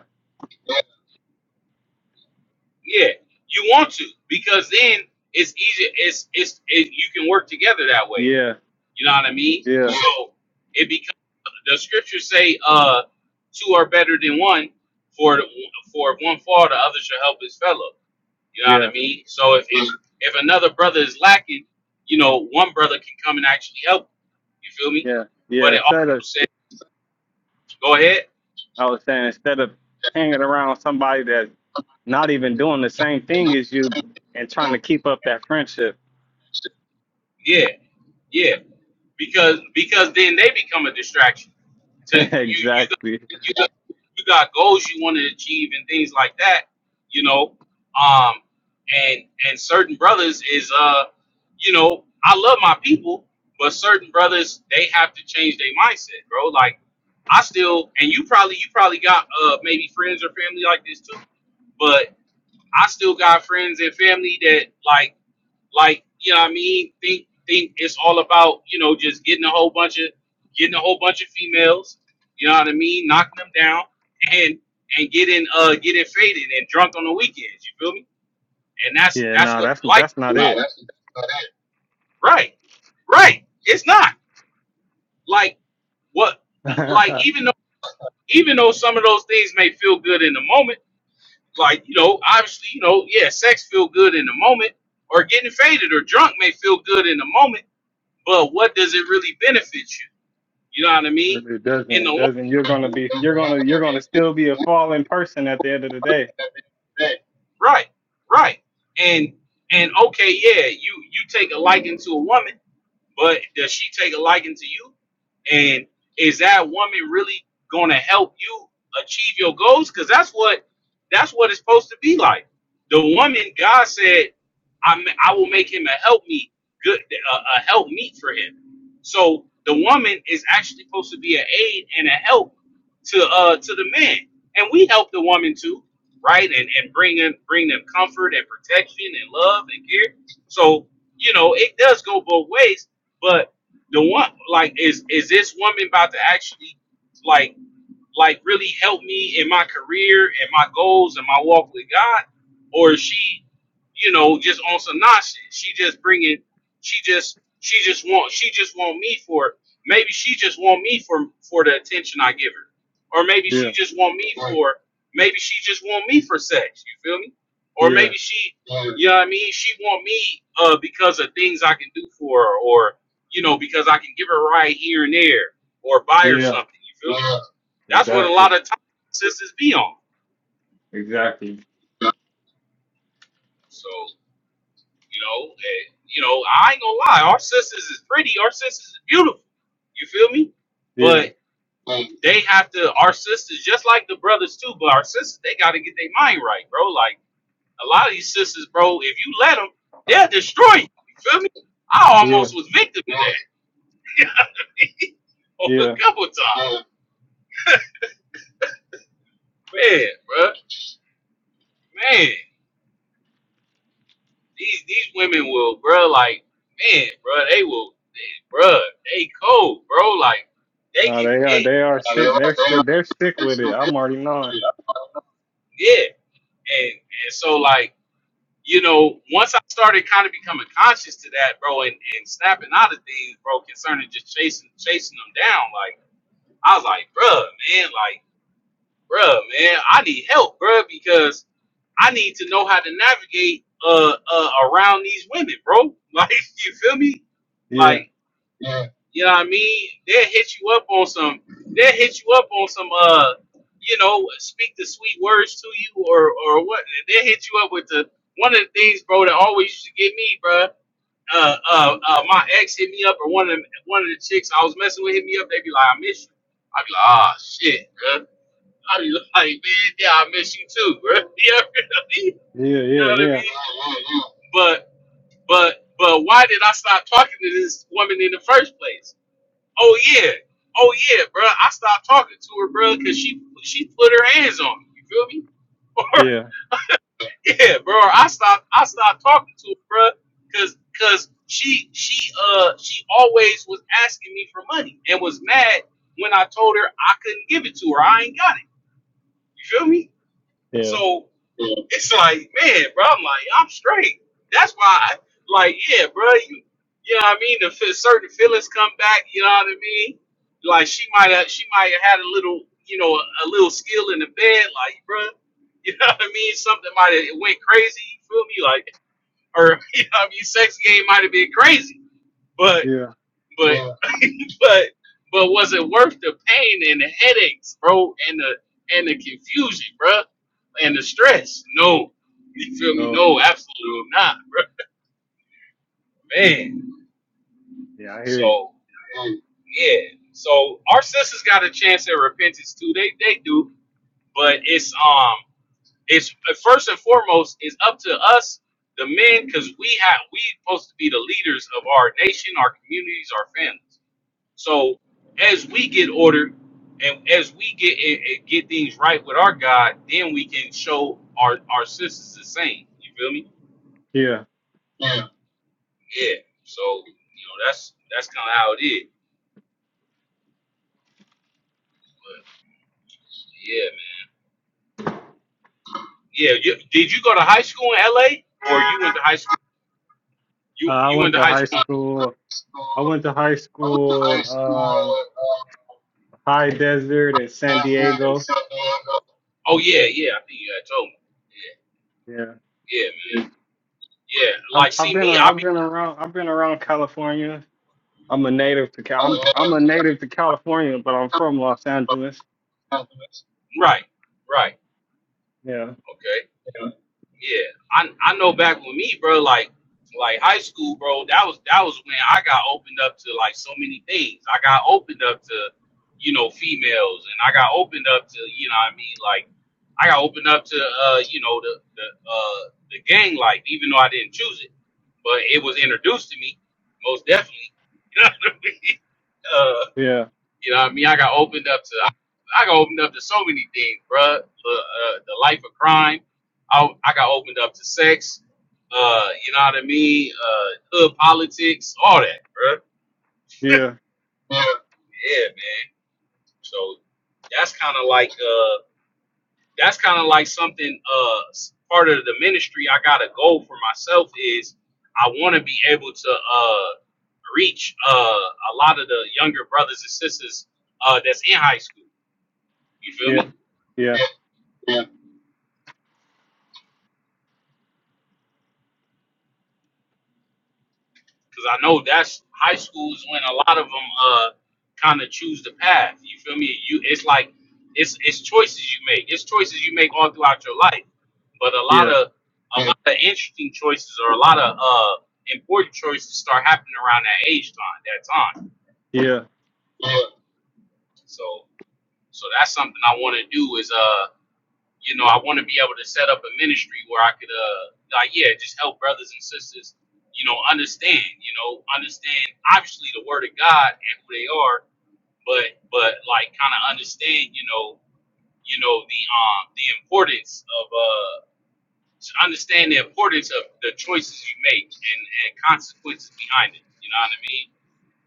Yeah, you want to because then it's easier. It's, it's, it, you can work together that way.
yeah,
You know what I mean?
yeah,
So it becomes the scriptures say, uh, two are better than one, for the, for if one fall, the other shall help his fellow. You know what
yeah.
I mean? So if if, if another brother is lacking, you know, one brother can come and actually help. You feel me?
Yeah, yeah.
But it also
Instead of,
said, go ahead,
I was saying, instead of hanging around somebody that's not even doing the same thing as you and trying to keep up that friendship.
yeah, yeah, because because then they become a distraction to you. You got,
exactly.
you got, you got goals you want to achieve and things like that. You know, um, and and certain brothers is uh, you know, I love my people, but certain brothers they have to change their mindset, bro. Like I still and you probably you probably got uh maybe friends or family like this too, but I still got friends and family that like like you know what I mean think think it's all about you know just getting a whole bunch of getting a whole bunch of females, you know what I mean, knocking them down and and getting uh getting faded and drunk on the weekends. You feel me? And that's
Yeah,
that's
no,
what
that's
life
that's
is
not
about.
it.
right, right. It's not like what
it
like even though even though some of those things may feel good in the moment like you know obviously you know yeah sex feel good in the moment or getting faded or drunk may feel good in the moment but what does it really benefit you you know what i mean
doesn't.
in the
It
long
doesn't. You're gonna be. You're gonna. You're gonna still be a fallen person at the end of the day.
right right and and okay yeah you you take a liking to a woman But does she take a liking to you? And is that woman really gonna help you achieve your goals? Because that's what that's what it's supposed to be like. The woman, God said, I I will make him a help meet, good a, a help meet for him. So the woman is actually supposed to be an aid and a help to uh to the man, and we help the woman too, right? And and bring in, bring them comfort and protection and love and care. So you know it does go both ways but the one like is is this woman about to actually like like really help me in my career and my goals and my walk with God, or is she, you know, just on some nonsense? She just bringing, she just, she just want, she just want me for maybe she just want me for for the attention I give her, or maybe she
Yeah.
just want me for maybe she just want me for sex. You feel me? Or
Yeah.
maybe she, you know what I mean? She want me uh because of things I can do for her, or you know, because I can give her right here and there, or buy her
Yeah.
something. You feel me? That's what a lot
Exactly.
of times sisters be on.
Exactly.
So you know, eh, you know, I ain't gonna lie. Our sisters is pretty. Our sisters is beautiful. You feel me?
Yeah.
But they have to. Our sisters, just like the brothers too. But our sisters, they got to get their mind right, bro. Like a lot of these sisters, bro. If you let them, they'll destroy you. You feel me? I
Yeah.
almost was victim of that
Yeah.
a couple times. Man, bro, man. These these women will, bro. Like man, bro, they will, they, bro. They cold, bro. Like they
No,
can
they are.
it,
They are sick. They're sick. They're sick with it. I'm already knowing.
yeah. And and so like you know, once I started kind of becoming conscious to that, bro, and, and snapping out of things, bro, concerning just chasing chasing them down. Like I was like, bro, man, like bro, man, I need help, bro, because I need to know how to navigate uh, uh around these women, bro. Like you feel me?
Yeah.
Like You know what I mean? They'll hit you up on some. They'll hit you up on some. Uh, you know, speak the sweet words to you, or or what? They'll hit you up with the one of the things, bro, that always used to get me, bro. Uh, uh, uh, my ex hit me up, or one of the, one of the chicks I was messing with hit me up. They be like, "I miss you." I be like, "Ah, shit, bro." I be like, "Man, yeah, I miss you too, bro."
Yeah.
You
Yeah.
know what I mean?
Yeah.
You know what I mean? But but but why did I stop talking to this woman in the first place? Oh yeah, oh yeah, bro. I stopped talking to her, bro, because she she put her hands on me. You feel me? Or
Yeah.
yeah, bro. I stopped I stopped talking to her, bro, because because she she uh she always was asking me for money and was mad when I told her I couldn't give it to her. I ain't got it. You feel me?
Yeah,
So it's like, man, bro, I'm like, I'm straight. That's why, I, like, yeah, bro, you, you know what I mean? The fe- certain feelings come back, you know what I mean? Like, she might have, she might have had a little, you know, a little skill in the bed, like, bro, you know what I mean? Something might have went crazy, you feel me? Like, or, you know what I mean? Sex game might have been crazy, but.
yeah,
But Right. but but was it worth the pain and the headaches, bro, and the and the confusion, bro, and the stress? No, you feel me?
no,
No, absolutely not, bro. Man,
yeah, I hear you.
so yeah, so our sisters got a chance at repentance too. They they do, but it's um, it's uh, first and foremost, it's up to us, the men, because we have we supposed to be the leaders of our nation, our communities, our families. So as we get ordered and as we get and- and get things right with our God, then we can show our our sisters the same. You feel me?
Yeah,
Yeah. So you know that's that's kind of how it is. Yeah, man. Yeah. You, did you go to high school in L.A. or you went to high school?
uh,
You
I
you went
went
to
to
high
high
school?
school. I went to high school in um, High Desert in San Diego.
Oh yeah, yeah. I think you had told me. Yeah,
Yeah,
yeah, man. Yeah.
I've
Like
I've
see
been
me,
ar-
I
I've
be
been around I've been around California. I'm a native to Cal. I'm I'm a native to California, but I'm from Los Angeles.
right, right.
Yeah,
Okay. Yeah, I I know back with me, bro. Like like high school, bro. That was that was when I got opened up to like so many things. I got opened up to you know females, and I got opened up to you know what I mean like I got opened up to uh you know the the uh the gang life, even though I didn't choose it, but it was introduced to me most definitely. You know what I mean? Uh,
yeah,
you know what I mean? I got opened up to I, I got opened up to so many things, bruh. The, uh, the life of crime. I, I got opened up to sex. Uh, you know what I mean? Uh, hood politics, all that, bruh.
yeah,
Yeah, man. So that's kind of like uh, that's kind of like something uh, s- part of the ministry. I got a goal for myself is I want to be able to uh reach uh a lot of the younger brothers and sisters uh that's in high school. You feel
yeah,
me?
yeah,
because I know that's high school is when a lot of them uh kind of choose the path. You feel me? You it's like it's it's choices you make. It's choices you make all throughout your life. But a lot
yeah,
of a lot of interesting choices or a lot of uh important choices start happening around that age time, that time.
yeah,
So so that's something I want to do is uh you know, I want to be able to set up a ministry where I could, uh, like, yeah, just help brothers and sisters, you know, understand, you know, understand obviously the word of God and who they are, but, but like, kind of understand, you know, you know the um the importance of uh to understand the importance of the choices you make and and consequences behind it. You know what I mean?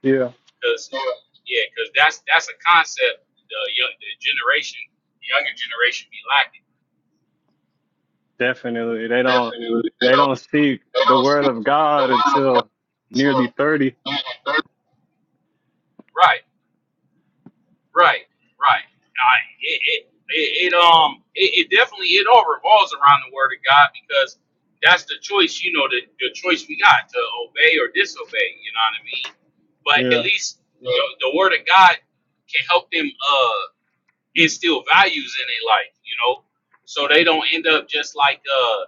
yeah.
Because yeah, because that's that's a concept the young the generation, the younger generation, be lacking.
Definitely, they don't they don't see the word of God until nearly thirty.
Right Right, right. I it it, it, it um it, it definitely it all revolves around the word of God because that's the choice, you know, the, the choice we got to obey or disobey, you know what I mean? But at
Yeah,
least you know, the word of God can help them uh instill values in their life, you know, so they don't end up just like uh,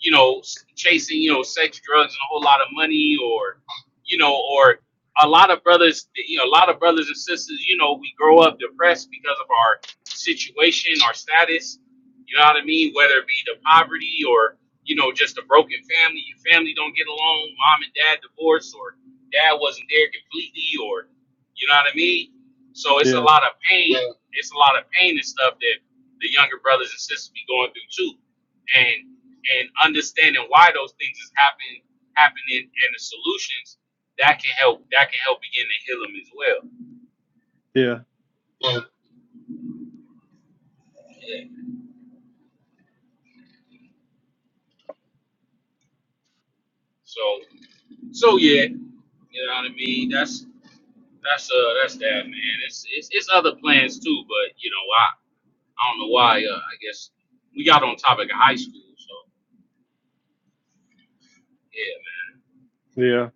you know, chasing, you know, sex, drugs, and a whole lot of money, or, you know, or a lot of brothers, you know, a lot of brothers and sisters, you know, we grow up depressed because of our situation, our status. You know what I mean? Whether it be the poverty or, you know, just a broken family, your family don't get along, mom and dad divorced, or dad wasn't there completely, or, you know what I mean? So it's a
yeah.
lot of pain. Yeah. It's a lot of pain and stuff that the younger brothers and sisters be going through too. and and understanding why those things is happening happening and the solutions that can help that can help begin to heal them as well.
Yeah.
Yeah. So so yeah, you know what I mean. That's that's uh that's that man. It's it's, it's other plans too, but you know I I don't know why. Uh, I guess we got on topic of high school. So yeah
Yeah.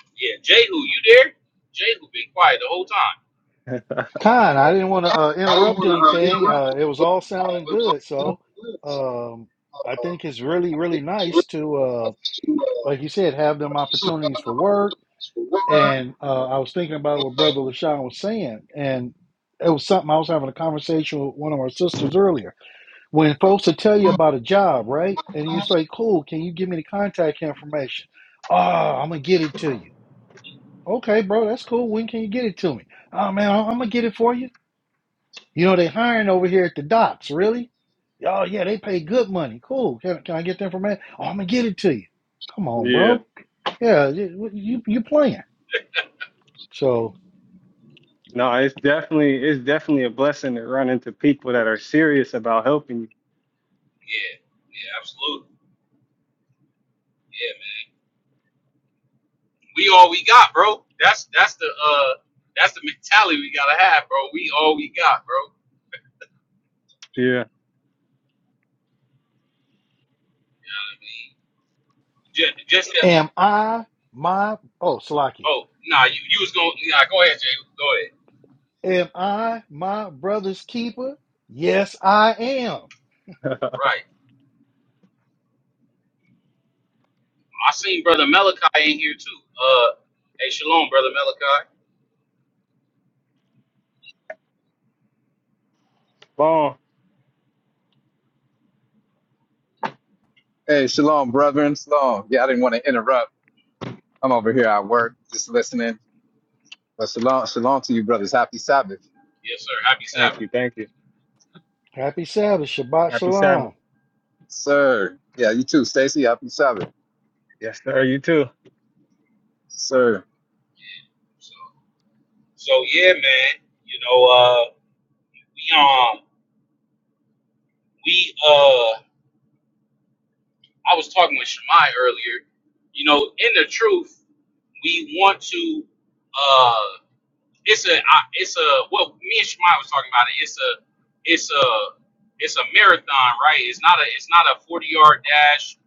man. yeah. Jehu, you there? Jehu been quiet the whole time.
Kind, I didn't want to uh, interrupt anything. Uh, it was all sounding good, so um, I think it's really, really nice to, uh, like you said, have them opportunities for work. And uh, I was thinking about what Brother Lashawn was saying, and it was something I was having a conversation with one of our sisters earlier. When folks will tell you about a job, right, and you say, "Cool, can you give me the contact information?" Oh, I'm gonna get it to you. Okay, bro, that's cool. When can you get it to me? Oh man, I'm gonna get it for you. You know, they hiring over here at the docks, really? Oh, yeah, they pay good money. Cool. Can, can I get the information? Oh, I'm going to get it to you. Come on,
Yeah.
bro. Yeah, you, you, playing. So,
No, it's definitely it's definitely a blessing to run into people that are serious about helping
Yeah yeah absolutely Yeah. we all we got, bro. That's that's the uh that's the mentality we gotta have, bro. We all we got, bro.
you.
You know what I mean? Just, just that.
am I my, oh, Salakia,
Oh, nah, you, you was going. Nah, go ahead, Jay. Go ahead.
am I my brother's keeper? Yes, I am.
Yeah.
Right. I seen brother Malachi in here too. Uh, hey, shalom, brother Malachi.
Bon.
Hey, shalom, brethren. Shalom. Yeah, I didn't want to interrupt. I'm over here at work, just listening. But shalom, shalom to you, brothers. Happy Sabbath,
Yes, sir. Happy
Thank
Sabbath.
you. Thank you.
Happy Sabbath. Shabbat
Happy Sabbath.
Shalom.
sir. Yeah, you too, Stacy. Happy Sabbath,
Yes, sir. You too.
sir.
Yeah. So, so yeah, man. You know, uh, we um, we uh, I was talking with Shemai earlier. You know, in the truth, we want to. uh. it's a I- it's a what me and Shemai was talking about. It's a it's a it's a marathon, right? It's not a it's not a forty yard dash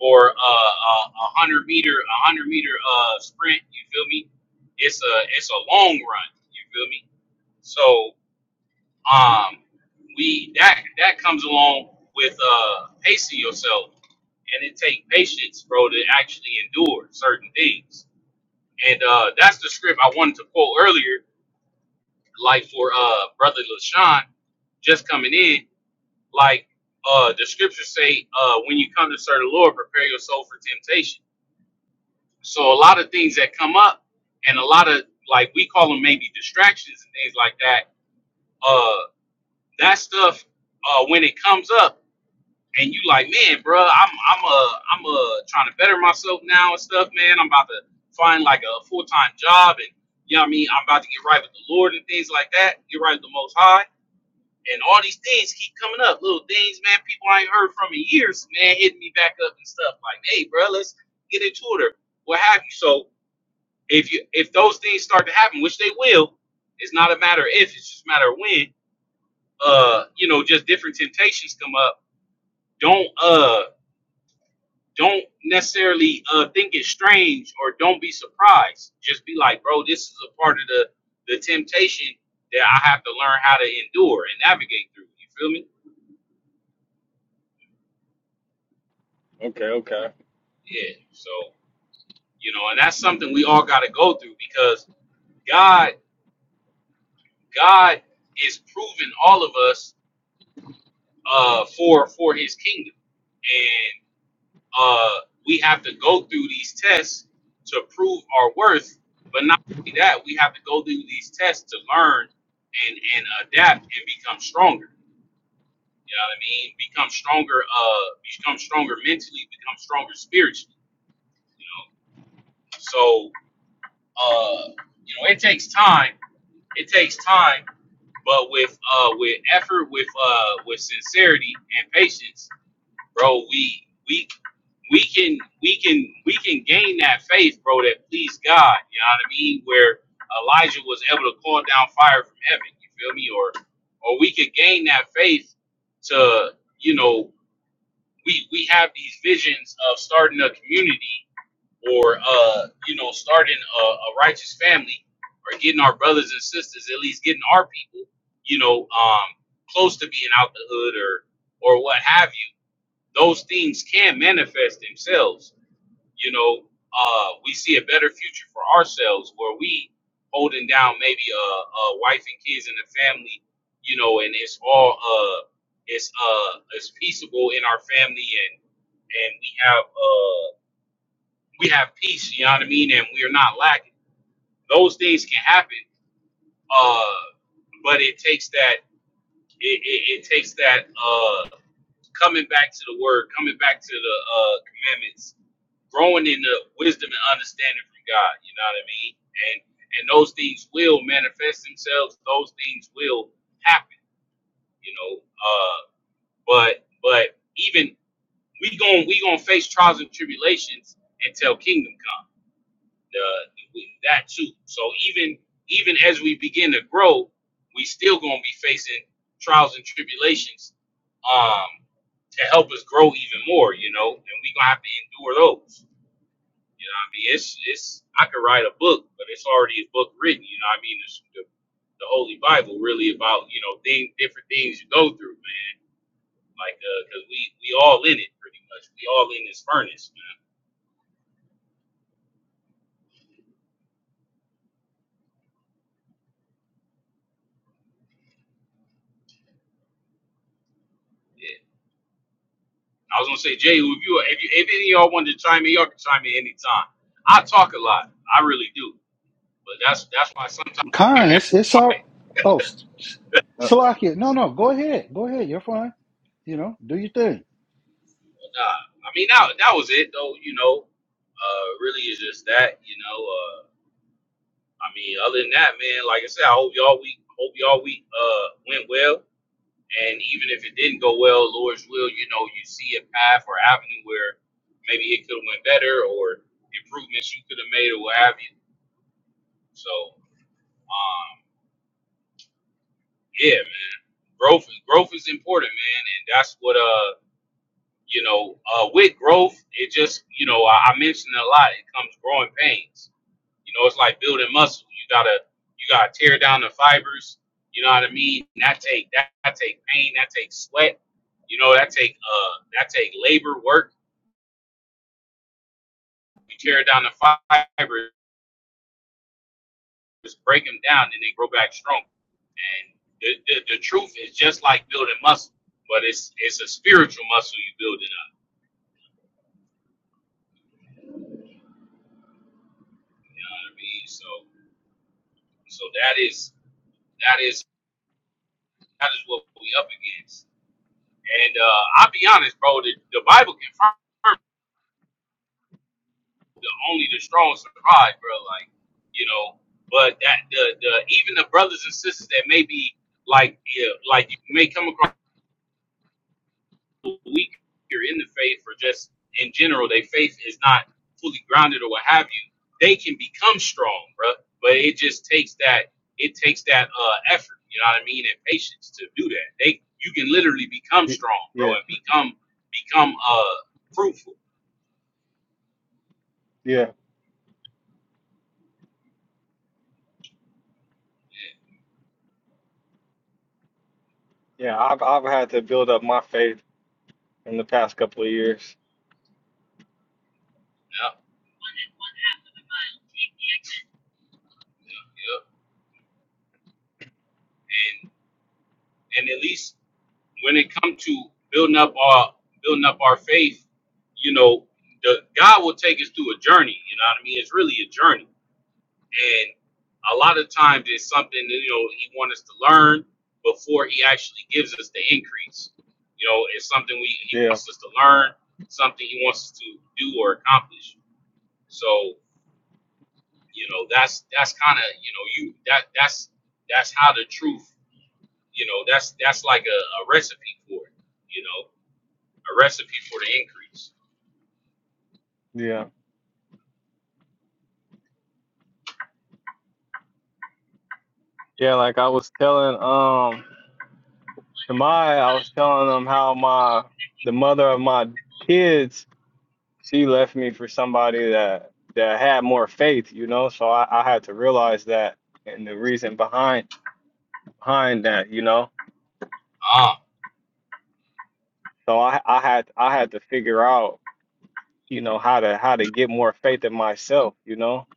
or a, a, a hundred meter a hundred meter uh sprint. You feel me? It's a it's a long run. You feel me? So um we that that comes along with uh pacing yourself, and it take patience, bro, to actually endure certain things. And uh, that's the script I wanted to quote earlier like for uh brother LaShawn just coming in, like uh the scriptures say, uh when you come to serve the Lord, prepare your soul for temptation. So a lot of things that come up and a lot of like we call them maybe distractions and things like that, uh that stuff uh when it comes up and you like, man, bro, I'm I'm uh I'm uh trying to better myself now and stuff, man. I'm about to find like a full time job and you know what I mean, I'm about to get right with the Lord and things like that, get right with the most high and all these things keep coming up. Little things, man, people I ain't heard from in years, man, hitting me back up and stuff like, hey, bro, let's get into it or what have you. So if you if those things start to happen, which they will, it's not a matter of if, it's just a matter of when. Uh, you know, just different temptations come up. Don't uh don't necessarily uh think it's strange or don't be surprised. Just be like, bro, this is a part of the the temptation that I have to learn how to endure and navigate through. You feel me?
Okay, okay.
Yeah. So you know and that's something we all got to go through because god god is proving all of us uh for for his kingdom and uh we have to go through these tests to prove our worth but not only that we have to go through these tests to learn and and adapt and become stronger you know what i mean become stronger uh become stronger mentally become stronger spiritually you know so uh you know it takes time it takes time But with uh with effort, with uh with sincerity and patience, bro, we we we can we can we can gain that faith, bro, that pleased God. You know what I mean? Where Elijah was able to call down fire from heaven. You feel me? Or or we could gain that faith to you know we we have these visions of starting a community or uh, you know, starting a, a righteous family, or getting our brothers and sisters, at least getting our people, you know, um, close to being out the hood or or what have you. Those things can manifest themselves. You know, uh, we see a better future for ourselves where we holding down maybe a, a wife and kids and a family, you know, and it's all uh, it's uh, it's peaceable in our family and and we have uh we have peace, you know what I mean? And we are not lacking. Those things can happen. Uh, but it takes that, it, it, it takes that, uh, coming back to the word, coming back to the, uh, commandments, growing in the wisdom and understanding from God, you know what I mean? And, and those things will manifest themselves. Those things will happen, you know? Uh, but, but even we going, we going to face trials and tribulations until kingdom comes. the, that too. So even even as we begin to grow, we still gonna be facing trials and tribulations um, to help us grow even more. You know, and we gonna have to endure those. You know, what I mean, it's it's I could write a book, but it's already a book written. You know, what I mean, it's the, the Holy Bible really about you know things, different things you go through, man. Like, because uh 'cause we we all in it pretty much. We all in this furnace, man. Yeah, I was gonna say, Jay, if you if you if any of y'all wanted to chime in, y'all can chime in anytime. I talk a lot, I really do, but that's that's why sometimes you hear
Khan,
me
it's,
I'm
it's
quiet.
all, oh, S- S-
Uh,
Salakia, no, no, go ahead. Go ahead. You're fine. You know, do your thing.
But, uh, I mean that that was it though, you know. Uh, really is just that, you know. Uh, I mean, other than that, man, like I said, I hope y'all week hope y'all week uh went well, and even if it didn't go well, Lord's will, you know, you see a path or avenue where maybe it could have went better or improvements you could have made or what have you. So. Um, Yeah, man. Growth is growth is important, man, and that's what uh you know uh with growth it just you know I, I mentioned it a lot. It comes growing pains. You know, it's like building muscle. You gotta you gotta tear down the fibers. You know what I mean? And that take that, that take pain. That takes sweat. You know that take uh that take labor work. You tear down the fibers, break them down, and they grow back strong. And the, the, the truth is just like building muscle, but it's it's a spiritual muscle you building You know what I mean? So so that is that is that is what we up against. And uh I'll be honest, bro, the, the Bible confirms the only the strong survive, bro. Like, you know, but that the the even the brothers and sisters that may be like yeah, like you may come across weaker in the faith or just in general, their faith is not fully grounded or what have you, they can become strong, bro, But it just takes that it takes that uh effort, you know what I mean, and patience to do that. They you can literally become
Y-
strong, bro,
Yeah.
and become become uh fruitful.
Yeah. Yeah. I've I've had to build up my faith in the past couple of years.
Yeah, yeah, yeah. And and at least when it comes to building up our building up our faith, you know, the God will take us through a journey, you know what I mean? It's really a journey and a lot of times it's something that, you know he wants us to learn before he actually gives us the increase. You know, it's something we he
Yeah.
wants us to learn, something he wants us to do or accomplish. So you know that's that's kind of you know you that that's that's how the truth you know that's that's like a, a recipe for it. You know, a recipe for the increase.
Yeah. Yeah. Like I was telling um Shemai, I was telling them how my the mother of my kids she left me for somebody that that had more faith, you know. So I, I had to realize that and the reason behind behind that, you know.
Ah,
So I I had I had to figure out, you know, how to how to get more faith in myself, you know.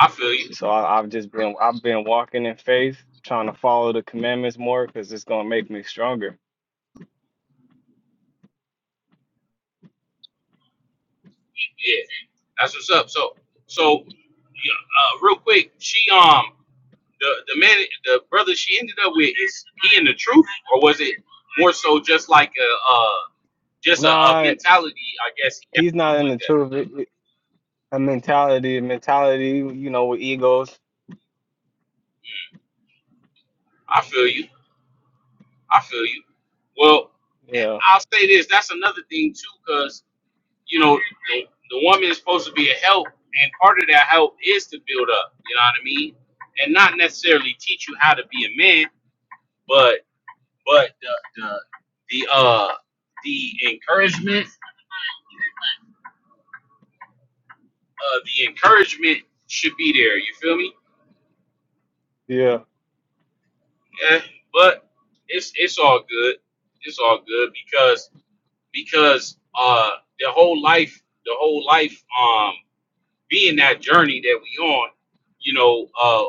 I feel you.
So I, I've just been I've been walking in faith, trying to follow the commandments more because it's gonna make me stronger.
Yeah, that's what's up. So so yeah, uh, real quick, she um. the the man the brother she ended up with is he in the truth or was it more so just like a uh just a, a
Nah,
mentality I guess he had
he's not
something
in
like
the
that.
truth. A mentality, mentality, you know, with egos.
I feel you. I feel you. Well, and
Yeah,
I'll say this. That's another thing too, because you know the, the woman is supposed to be a help, and part of that help is to build up. You know what I mean? And not necessarily teach you how to be a man, but but the the the uh the encouragement uh, the encouragement should be there. You feel me?
yeah,
Yeah. But it's it's all good. It's all good because because uh the whole life the whole life um being that journey that we on, you know, uh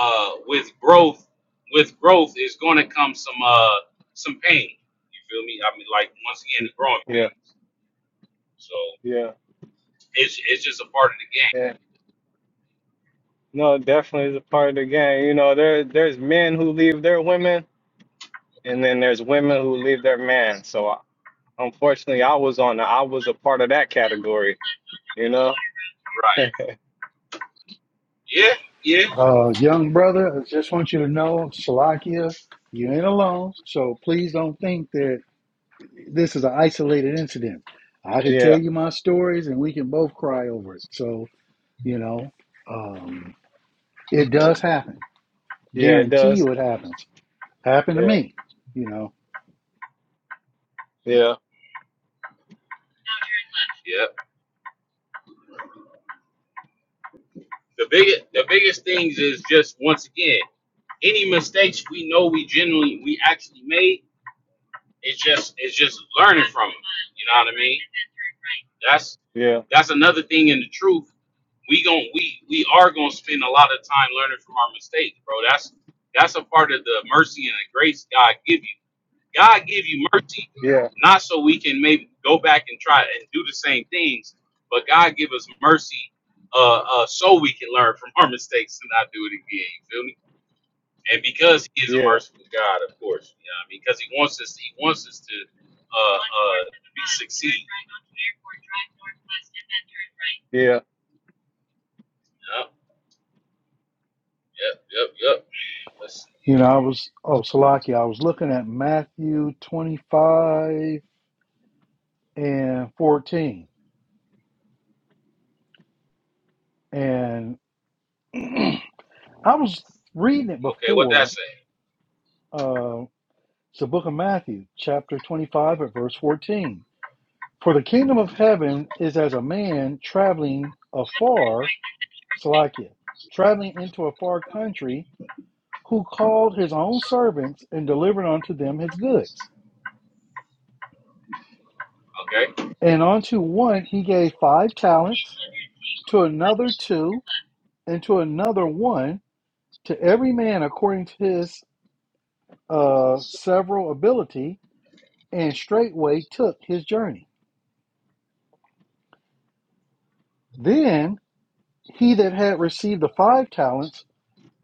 uh with growth with growth is gonna come some uh some pain. You feel me? I mean like once again the growing
yeah,
pains. So
yeah,
it's it's just a part of the game.
yeah. No, it definitely is a part of the game. You know, there there's men who leave their women, and then there's women who leave their man. So I, unfortunately, I was on the, I was a part of that category. You know?
Right. Yeah, yeah,
Uh, young brother, I just want you to know, Salakia, you ain't alone. So please don't think that this is an isolated incident. I could
Yeah,
tell you my stories and we can both cry over it. So, you know, um, it does happen.
yeah, it
Guarantee
does.
you it happens. Happened to
Yeah,
me, you know.
yeah,
yeah. the biggest the biggest things is just once again any mistakes we know we generally we actually made it's just it's just learning from them you know what i mean that's
yeah,
that's another thing in the truth we gon' we we are gonna spend a lot of time learning from our mistakes bro that's that's a part of the mercy and the grace god give you God give you mercy,
yeah,
not so we can maybe go back and try and do the same things, but God give us mercy uh, uh, so we can learn from our mistakes and not do it again. You feel me? And because He is a
yeah,
merciful God, of course, you know, what I mean? because He wants us, He wants us to uh, uh, be succeed.
yeah,
Yep, yep, yep, yep. Let's see.
You
here.
know, I was, oh, Salakia, I was looking at Matthew 25 and 14. And I was reading it
Okay, what that
before.
say?
uh, It's the book of Matthew, chapter 25, at verse 14. For the kingdom of heaven is as a man traveling afar, Salakia, traveling into a far country, who called his own servants and delivered unto them his goods.
Okay,
And unto one he gave five talents, to another two, and to another one, to every man according to his uh, several ability, and straightway took his journey. Then He that had received the five talents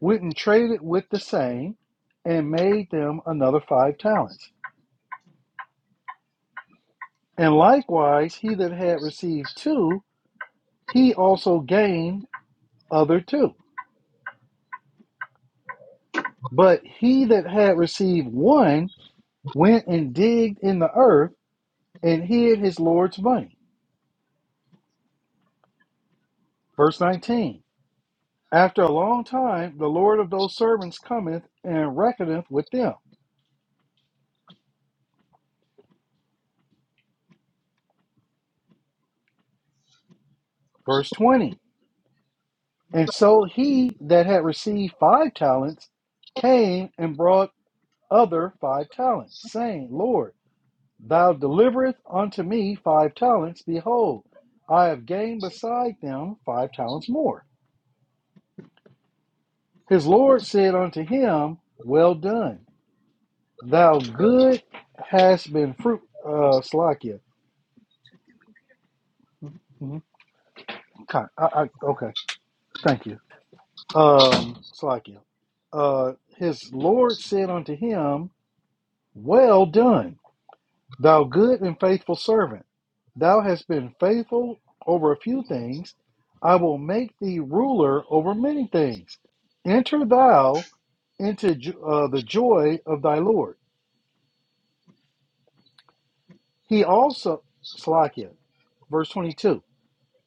went and traded with the same and made them another five talents. And likewise, he that had received two, he also gained other two. But he that had received one went and digged in the earth and hid his Lord's money. Verse 19 After a long time, the Lord of those servants cometh and reckoneth with them. Verse 20 And so he that had received five talents came and brought other five talents, saying, Lord, thou deliverest unto me five talents. Behold, I have gained beside them five talents more. His Lord said unto him, Well done, thou good hast been fruit. Uh, Slakia. Mhm. Okay, I, I, okay, thank you. Um, Slakia. Uh, his Lord said unto him, Well done Thou good and faithful servant, thou hast been faithful over a few things. I will make thee ruler over many things. Enter thou into jo- uh, the joy of thy Lord. He also, Slakia, verse 22,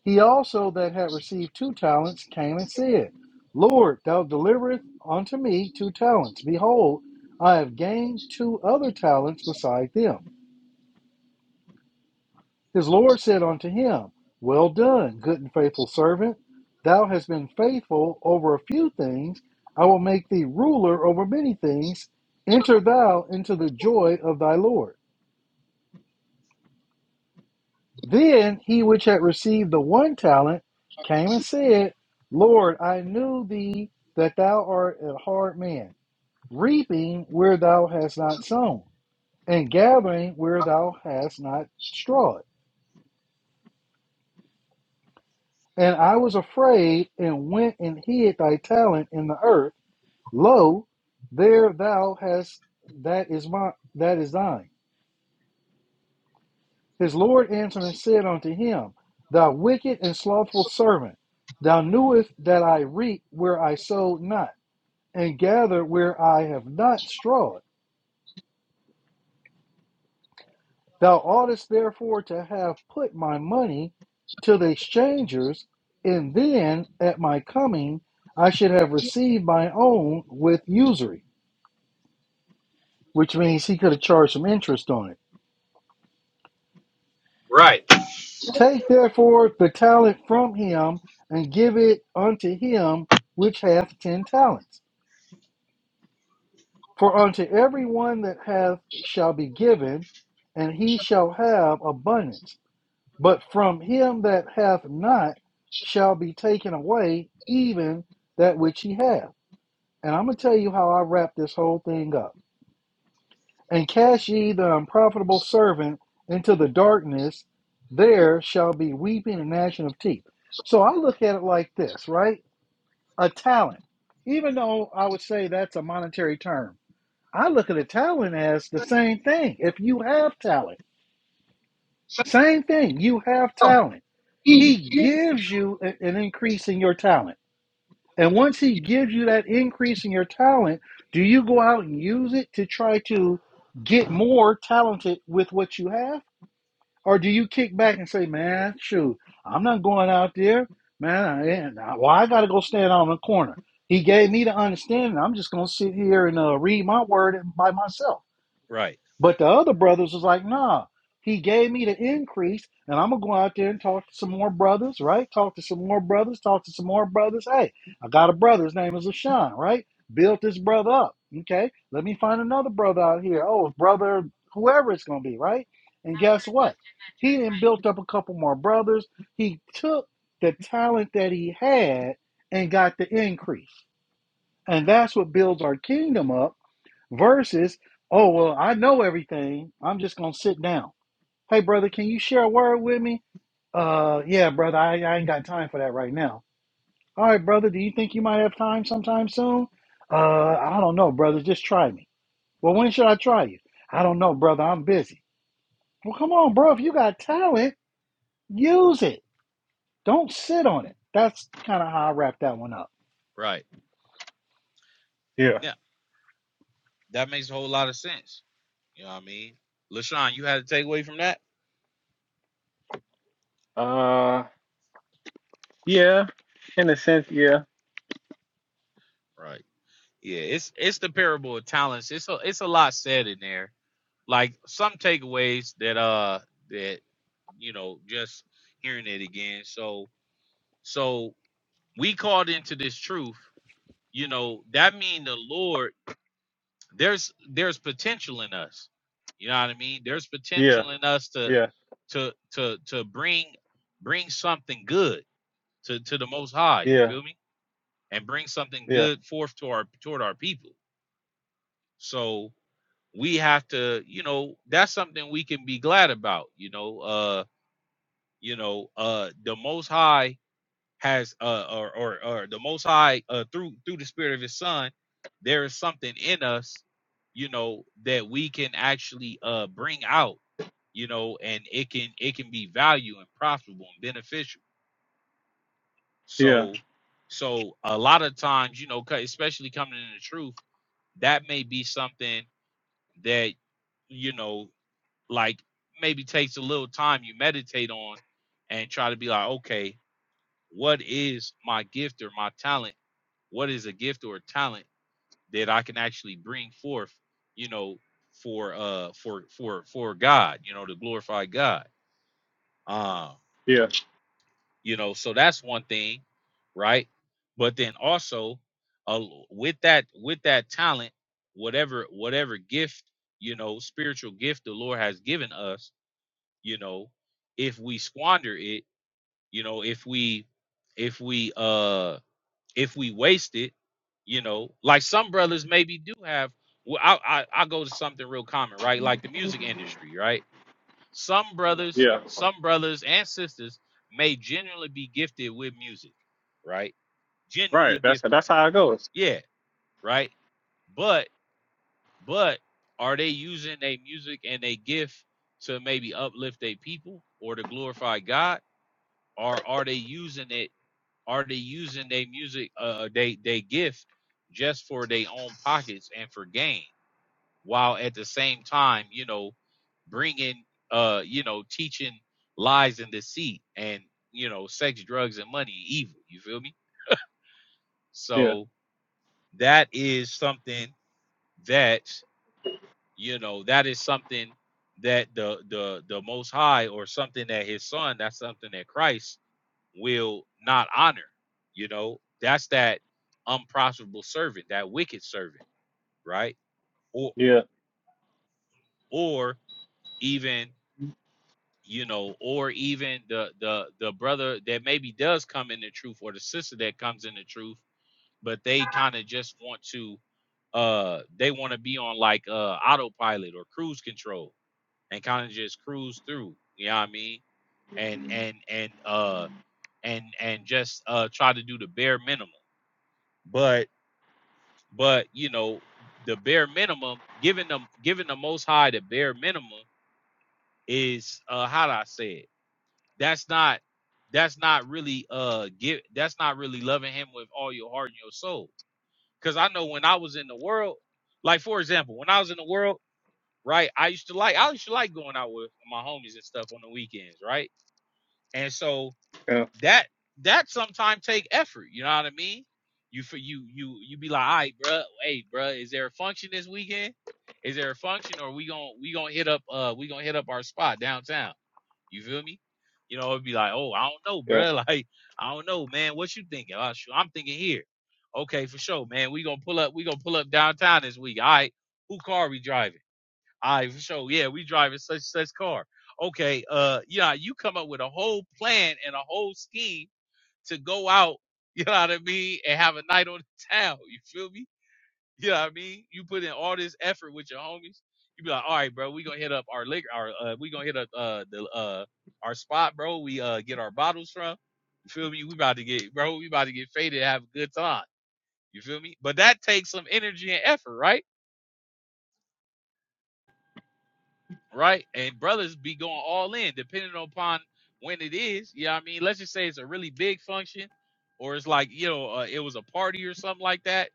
he also that had received two talents came and said, Lord, thou deliverest unto me two talents. Behold, I have gained two other talents beside them. His Lord said unto him, Well done, good and faithful servant. Thou hast been faithful over a few things. I will make thee ruler over many things. Enter thou into the joy of thy Lord. Then he which had received the one talent came and said, Lord, I knew thee that thou art a hard man, reaping where thou hast not sown, and gathering where thou hast not strawed. And I was afraid and went and hid thy talent in the earth. Lo, there thou hast that is my that is thine. His Lord answered and said unto him, Thou wicked and slothful servant, thou knewest that I reap where I sowed not, and gather where I have not strawed. Thou oughtest therefore to have put my money to the exchangers, and then at my coming I should have received my own with usury. which means he could have charged some interest on it.
right.
Take therefore the talent from him and give it unto him which hath ten talents. For unto every one that hath shall be given, and he shall have abundance. But from him that hath not shall be taken away even that which he hath. And I'm going to tell you how I wrap this whole thing up. and cast ye the unprofitable servant into the darkness, there shall be weeping and gnashing of teeth. So I look at it like this, right? A talent, even though I would say that's a monetary term, I look at a talent as the same thing. If you have talent, same thing, you have talent. He gives you an increase in your talent. And once he gives you that increase in your talent, do you go out and use it to try to get more talented with what you have? Or do you kick back and say, man, shoot, I'm not going out there. Man, I, well, I got to go stand on the corner. He gave me the understanding. I'm just going to sit here and uh, read my word by myself.
Right,
But the other brothers was like, nah, he gave me the increase, and I'm gonna go out there and talk to some more brothers, right? Talk to some more brothers, talk to some more brothers. Hey, I got a brother, his name is Ashan, right? Built this brother up. Okay, let me find another brother out here. Oh, brother, whoever it's gonna be, right? And guess what? He then built up a couple more brothers. He took the talent that he had and got the increase. And that's what builds our kingdom up versus oh well i know everything i'm just gonna sit down hey brother can you share a word with me uh yeah brother i, I ain't got time for that right now all right brother do you think you might have time sometime soon uh i don't know brother just try me well when should i try you i don't know brother i'm busy well come on bro if you got talent use it don't sit on it that's kind of how i wrap that one up
right.
yeah.
That makes a whole lot of sense. You know what I mean? LaShawn, you had to take away from that?
Uh, yeah, in a sense, yeah,
Right. Yeah, it's it's the parable of talents. It's a it's a lot said in there. Like some takeaways that uh that you know, just hearing it again. So so we called into this truth, you know, that mean the Lord there's there's potential in us. You know what I mean? There's
yeah,
potential in us to
yeah,
to to to bring bring something good to to the most high you
yeah,
feel me and bring something
yeah,
good forth to our toward our people so we have to you know that's something we can be glad about you know uh you know uh the most high has uh or or, or the most high uh through through the spirit of his son there is something in us you know that we can actually uh bring out you know and it can it can be value and profitable and beneficial
yeah,
So, so a lot of times, you know, 'cause especially coming in the truth, that may be something that, you know, like maybe takes a little time you meditate on and try to be like, okay, what is my gift or my talent? What is a gift or a talent that I can actually bring forth, you know, for uh for for for God, you know, to glorify God. Um
yeah,
you know so that's one thing right but then also uh, with that with that talent whatever whatever gift you know spiritual gift the lord has given us you know if we squander it you know if we if we uh if we waste it you know like some brothers maybe do have well i i, I go to something real common right like the music industry right some brothers,
yeah.
some brothers and sisters may genuinely be gifted with music, right?
Right.
Genuinely
That's
gifted.
that's how it goes.
Yeah, right? But but are they using their music and their gift to maybe uplift their people or to glorify God? Or are they using it? Are they using their music, uh, they they gift just for their own pockets and for gain? while at the same time, you know, bringing, uh, you know, teaching lies and deceit and, you know, sex, drugs, and money, evil. You feel me?
Yeah,
So that is something that, you know, that is something that the the the most high or something that his son that's something that christ will not honor you know that's that unprofitable servant that wicked servant right or
yeah,
or even you know, or even the the the brother that maybe does come in the truth, or the sister that comes in the truth, but they kind of just want to, uh, they want to be on like uh autopilot or cruise control and kind of just cruise through. You know what I mean? And and and uh and and just uh try to do the bare minimum. But but you know the bare minimum, giving them giving the Most High the bare minimum is uh how do I say it? that's not that's not really uh give that's not really loving him with all your heart and your soul because i know when i was in the world like for example when i was in the world right i used to like i used to like going out with my homies and stuff on the weekends right and so
yeah,
that that sometimes take effort you know what i mean you for you you you be like all right bruh, hey bruh, is there a function this weekend is there a function or we gonna we gonna hit up uh we gonna hit up our spot downtown you feel me? You know, it'd be like, oh, I don't know,
yeah,
bro. Like, I don't know, man. What you thinking? "Oh, shoot, I'm thinking here. Okay, for sure, man. We gonna pull up. We gonna pull up downtown this week. All right. Who car we driving? All right, for sure. Yeah, we driving such such car. Okay. Uh, yeah. You come up with a whole plan and a whole scheme to go out. You know what I mean? And have a night on the town. You feel me? You know what I mean? You put in all this effort with your homies. You be like, all right, bro, we gonna hit up our liquor, our uh, we gonna hit up uh the uh our spot, bro. We uh get our bottles from. You feel me? We about to get, bro. We about to get faded, and have a good time. You feel me? But that takes some energy and effort, right? Right? And brothers be going all in, depending upon when it is. You know what I mean? Let's just say it's a really big function, or it's like you know uh, it was a party or something like that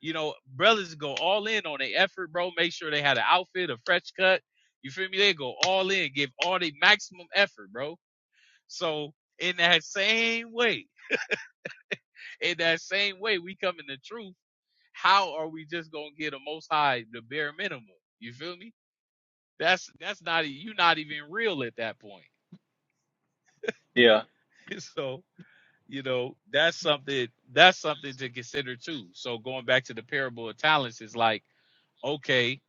You know, brothers go all in on their effort, bro. Make sure they had an outfit, a fresh cut. You feel me? They go all in, give all the maximum effort, bro. So in that same way, in that same way, we come in the truth. How are we just gonna get a most high the bare minimum? You feel me? That's that's not you're not even real at that point.
yeah,
so you know that's something that's something to consider too. So going back to the parable of talents is like okay,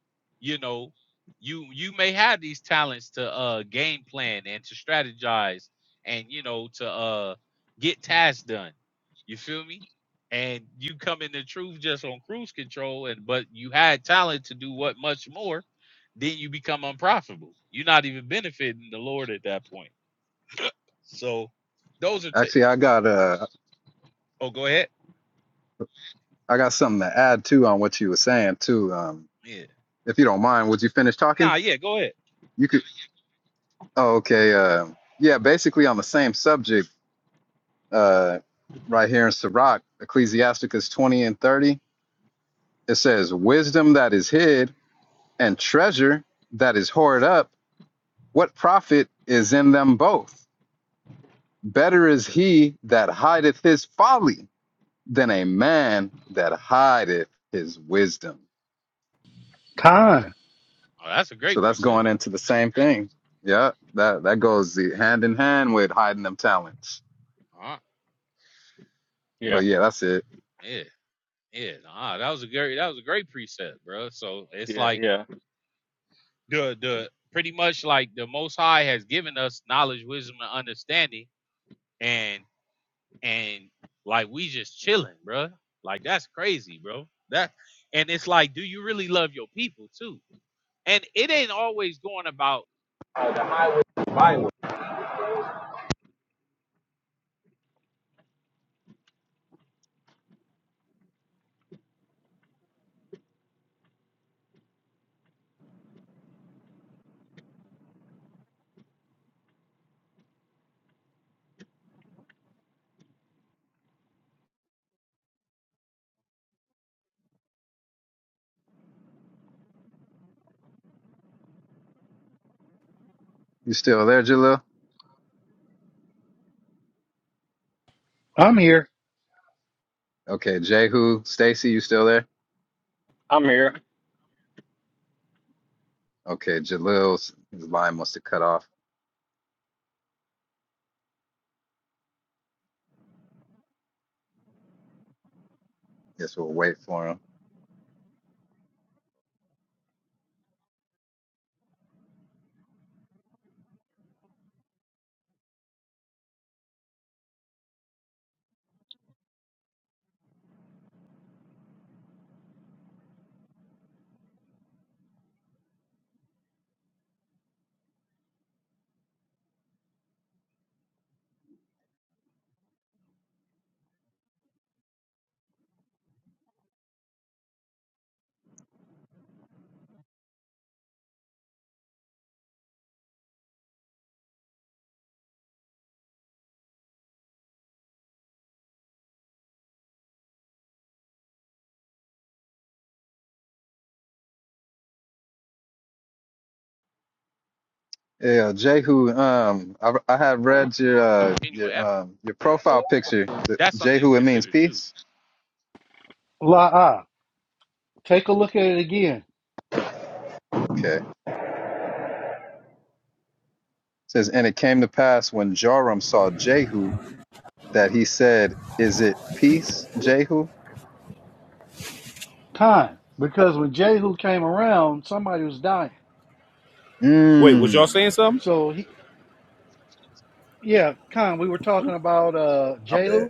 you know, you you may have these talents to uh game plan and to strategize and you know to uh get tasks done. You feel me? And you come in the truth just on cruise control and but you had talent to do what much more, then you become unprofitable. You're not even benefiting the Lord at that point. So those are ta-
Actually, I got uh,
oh go ahead.
I got something to add too on what you were saying too. Um,
Yeah.
if you don't mind, would you finish talking?
Nah, yeah, go ahead.
You could. Oh, okay. Uh, yeah, basically on the same subject. Uh, right here in Sirach, Ecclesiasticus 20 and 30. It says, "Wisdom that is hid and treasure that is hoarded up." What profit is in them both? Better is he that hideth his folly than a man that hideth his wisdom.
Khan,
Oh, that's a
So
great
that's
precept.
going into the same thing. Yeah, that, that goes hand in hand with hiding them talents.
Uh-huh.
yeah,
But yeah, that's it.
yeah. Yeah, nah, that was a great that was a great precept, bro. So it's
yeah,
like
yeah.
the the pretty much like the Most High has given us knowledge, wisdom, and understanding, and and like we just chilling, bro. Like that's crazy, bro. That and it's like, do you really love your people too? And it ain't always going about
You still there, Jalil?
i'm here
Okay, Jehu, Stacy, you still there?
I'm here.
Okay, Jalil's his line must have cut off. Guess we'll wait for him. Yeah, Jehu. Um, I I had read your uh
genuine
your
effort.
um your profile picture. The,
That's something to
Jehu, it means
consider too.
peace.
la uh, take a look at it again
Okay. It says, and it came to pass when Joram saw Jehu that he said, "Is it peace, Jehu?"
Time because when Jehu came around, somebody was dying.
Wait, was y'all
Mm.
saying something?
So he, yeah, Khan, we were talking about uh
I bet.
Jehu.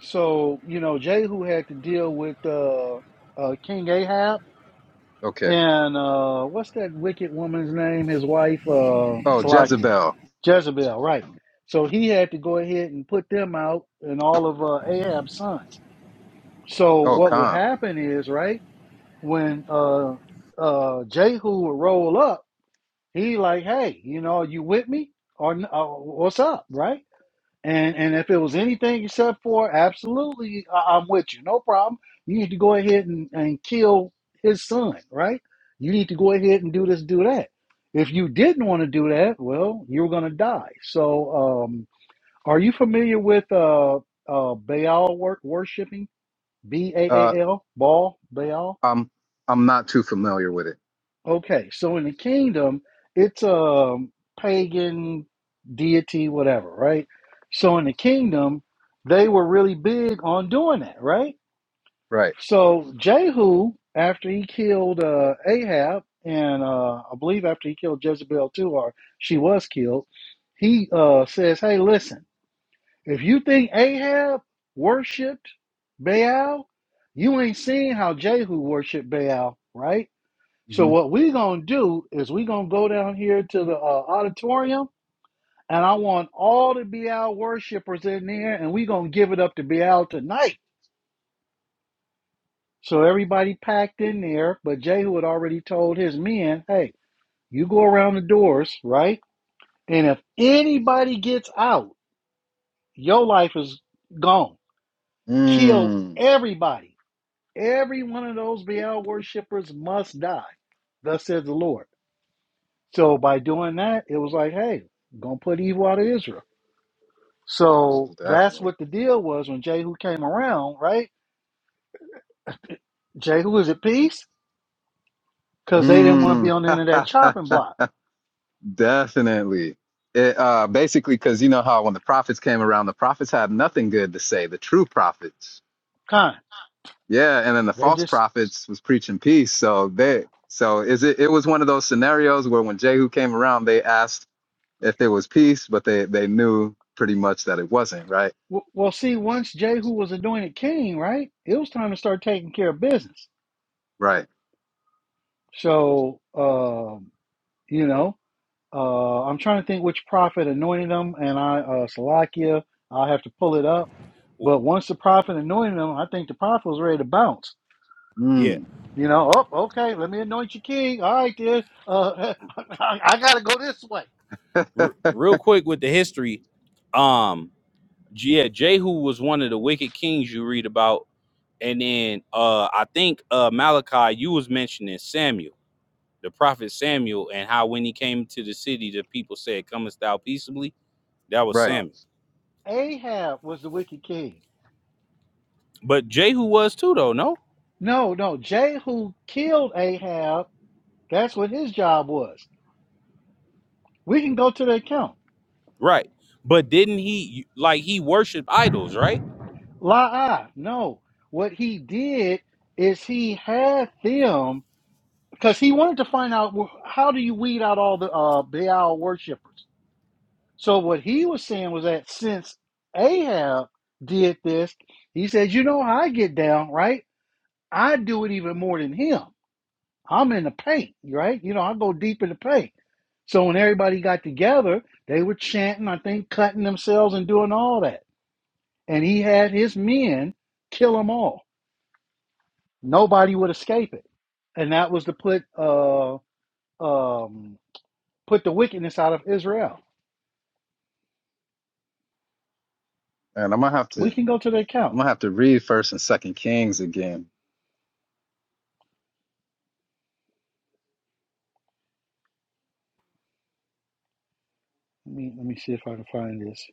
So you know, Jehu had to deal with uh, uh King Ahab
Okay.
and uh what's that wicked woman's name? His wife, uh,
Oh,
Salakia,
Jezebel.
Jezebel, right? So he had to go ahead and put them out and all of uh, Ahab's sons. So
Oh,
what would
Khan.
happen is, right, when uh uh Jehu would roll up he like, hey, you know, are you with me or n- uh, what's up, right? And and if it was anything you said for absolutely, I- I'm with you, no problem. You need to go ahead and, and kill his son, right? You need to go ahead and do this, do that. If you didn't want to do that, well, you're gonna die. So, um, are you familiar with uh, uh, Baal wor- worshiping? B A
Uh,
A L, Baal, Baal.
I'm I'm not too familiar with it.
Okay, so in the kingdom, it's a pagan deity, whatever, right? So in the kingdom, they were really big on doing that, right?
Right.
So Jehu, after he killed uh, Ahab, and uh, I believe after he killed Jezebel too, or she was killed, he uh, says, "Hey, listen, if you think Ahab worshipped Baal, you ain't seen how Jehu worshipped Baal, right?" So
Mm-hmm.
what we gonna do is we gonna go down here to the uh, auditorium, and I want all the BL worshipers in there, and we gonna give it up to BL tonight. So everybody packed in there, but Jehu had already told his men, "Hey, you go around the doors, right? And if anybody gets out, your life is gone. Kill
Mm.
everybody. Every one of those BL worshipers must die." Thus says the Lord. So by doing that, it was like, hey, gonna put evil out of Israel. So
Most
that's
definitely.
what the deal was when Jehu came around, right? Jehu is at peace because they didn't want to be
Mm.
on the end of that chopping block.
Definitely. It, uh, basically, because you know how when the prophets came around, the prophets had nothing good to say. The true prophets,
Kind.
yeah, and then the
They
false
just
prophets was preaching peace. So they, so is it? It was one of those scenarios where when Jehu came around, they asked if there was peace, but they they knew pretty much that it wasn't. Right.
w- well, see, once Jehu was anointed king, right? It was time to start taking care of business.
Right.
So, um, you know, uh, I'm trying to think which prophet anointed him, and I, uh, Salakia, I'll have to pull it up. But once the prophet anointed him, I think the prophet was ready to bounce.
Yeah,
Mm,
You know, oh, okay, let me anoint you king. All right, dear. Uh, I, I got to go this way.
r- real quick with the history. Um, yeah, Jehu was one of the wicked kings you read about And then uh I think uh Malachi, you was mentioning Samuel, the prophet Samuel, and how when he came to the city, the people said, Comest thou peaceably? That was
right.
Uh,
Samuel.
Ahab was the wicked king.
But Jehu was too though, no?
No, no, Jehu killed Ahab. That's what his job was. We can go to the account.
Right. But didn't he like he worshiped idols, right?
La, no. What he did is he had them because he wanted to find out well, how do you weed out all the uh, Baal worshippers. So what he was saying was that since Ahab did this, he says, you know how I get down, right? I do it even more than him. I'm in the paint, right? You know, I go deep in the paint. So when everybody got together, they were chanting, I think, cutting themselves and doing all that. And he had his men kill them all. Nobody would escape it. And that was to put uh um put the wickedness out of Israel.
And I'm gonna have to
We can
I'm
go to the account.
gonna have to read First and Second Kings again.
Let me let me see if I can find this.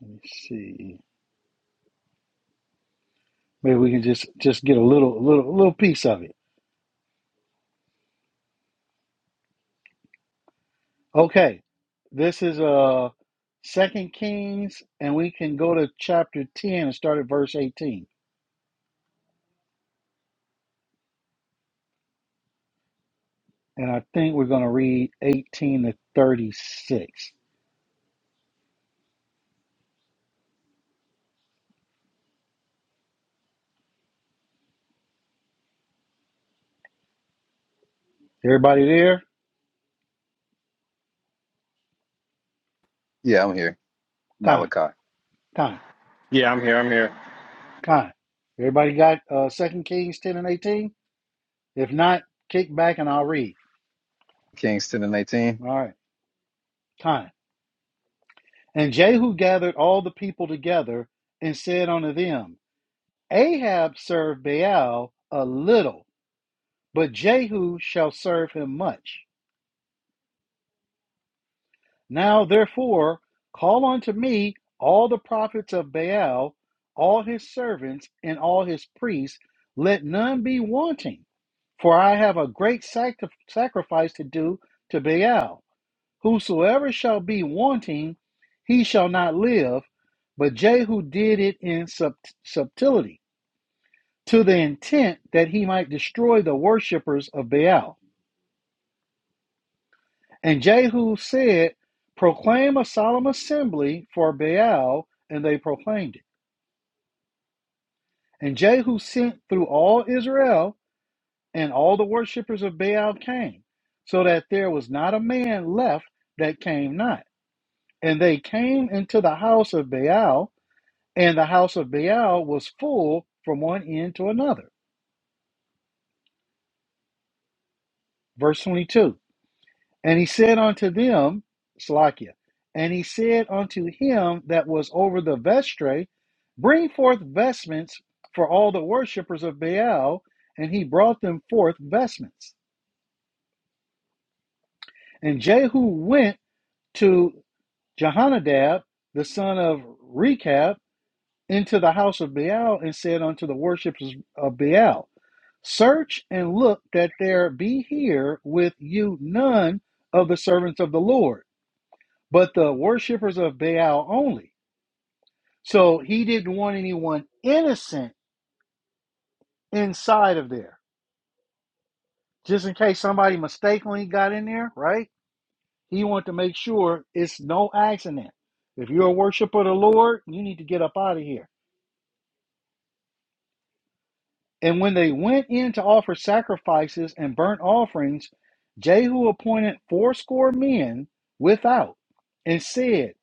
Let me see. Maybe we can just just get a little little little piece of it. Okay. This is uh Second Kings, and we can go to chapter 10 and start at verse 18. And I think we're gonna read 18 to 36. Everybody there?
Yeah, I'm here.
Time,
Malachi,
time,
Yeah, I'm here. I'm here.
time. Everybody got uh Second Kings 10 and 18? If not, kick back and I'll read.
Kings ten and eighteen.
All right, time. And Jehu gathered all the people together and said unto them, Ahab served Baal a little, but Jehu shall serve him much. Now therefore, call unto me all the prophets of Baal, all his servants, and all his priests. Let none be wanting, for I have a great sac- sacrifice to do to Baal. Whosoever shall be wanting, he shall not live. But Jehu did it in sub- subtlety to the intent that he might destroy the worshippers of Baal. And Jehu said, Proclaim a solemn assembly for Baal, and they proclaimed it. And Jehu sent through all Israel, and all the worshippers of Baal came, so that there was not a man left that came not. And they came into the house of Baal, and the house of Baal was full from one end to another. Verse 22. And he said unto them, Slakia, and he said unto him that was over the vestre, Bring forth vestments for all the worshippers of Baal. And he brought them forth vestments. And Jehu went to Jehonadab, the son of Rechab, into the house of Baal, and said unto the worshippers of Baal, Search and look that there be here with you none of the servants of the Lord but the worshippers of Baal only. So he didn't want anyone innocent inside of there, just in case somebody mistakenly got in there, right? He wanted to make sure it's no accident. If you're a worshiper of the Lord, you need to get up out of here. And when they went in to offer sacrifices and burnt offerings, Jehu appointed fourscore men without and said,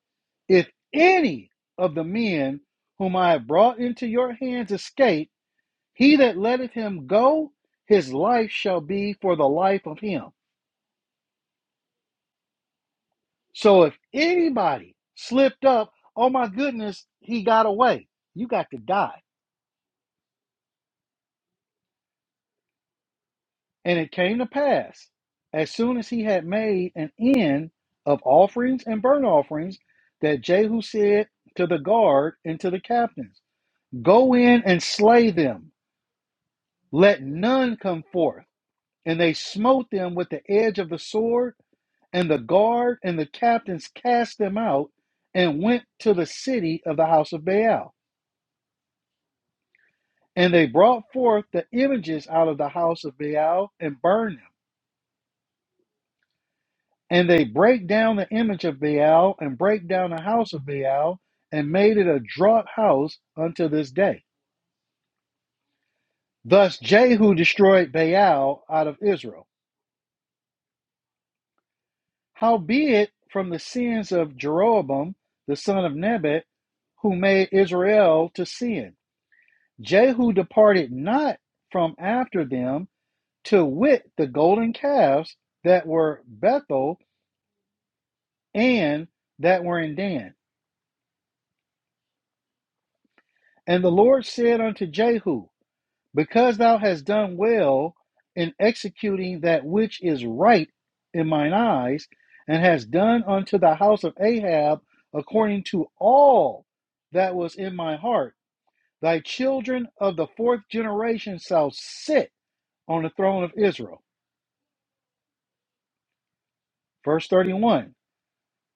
If any of the men whom I have brought into your hands escape, He that letteth him go, his life shall be for the life of him. So if anybody slipped up, oh my goodness, he got away. You got to die. And it came to pass, as soon as he had made an end of offerings and burnt offerings, that Jehu said to the guard and to the captains, Go in and slay them, let none come forth. And they smote them with the edge of the sword And the guard and the captains cast them out and went to the city of the house of Baal. And they brought forth the images out of the house of Baal and burned them. And they brake down the image of Baal and brake down the house of Baal and made it a draught house unto this day. Thus Jehu destroyed Baal out of Israel. Howbeit, from the sins of Jeroboam the son of Nebat, who made Israel to sin Jehu departed not from after them to wit the golden calves that were Bethel and that were in Dan. And the Lord said unto Jehu, Because thou hast done well in executing that which is right in mine eyes, and hast done unto the house of Ahab according to all that was in my heart, thy children of the fourth generation shall sit on the throne of Israel. Verse 31.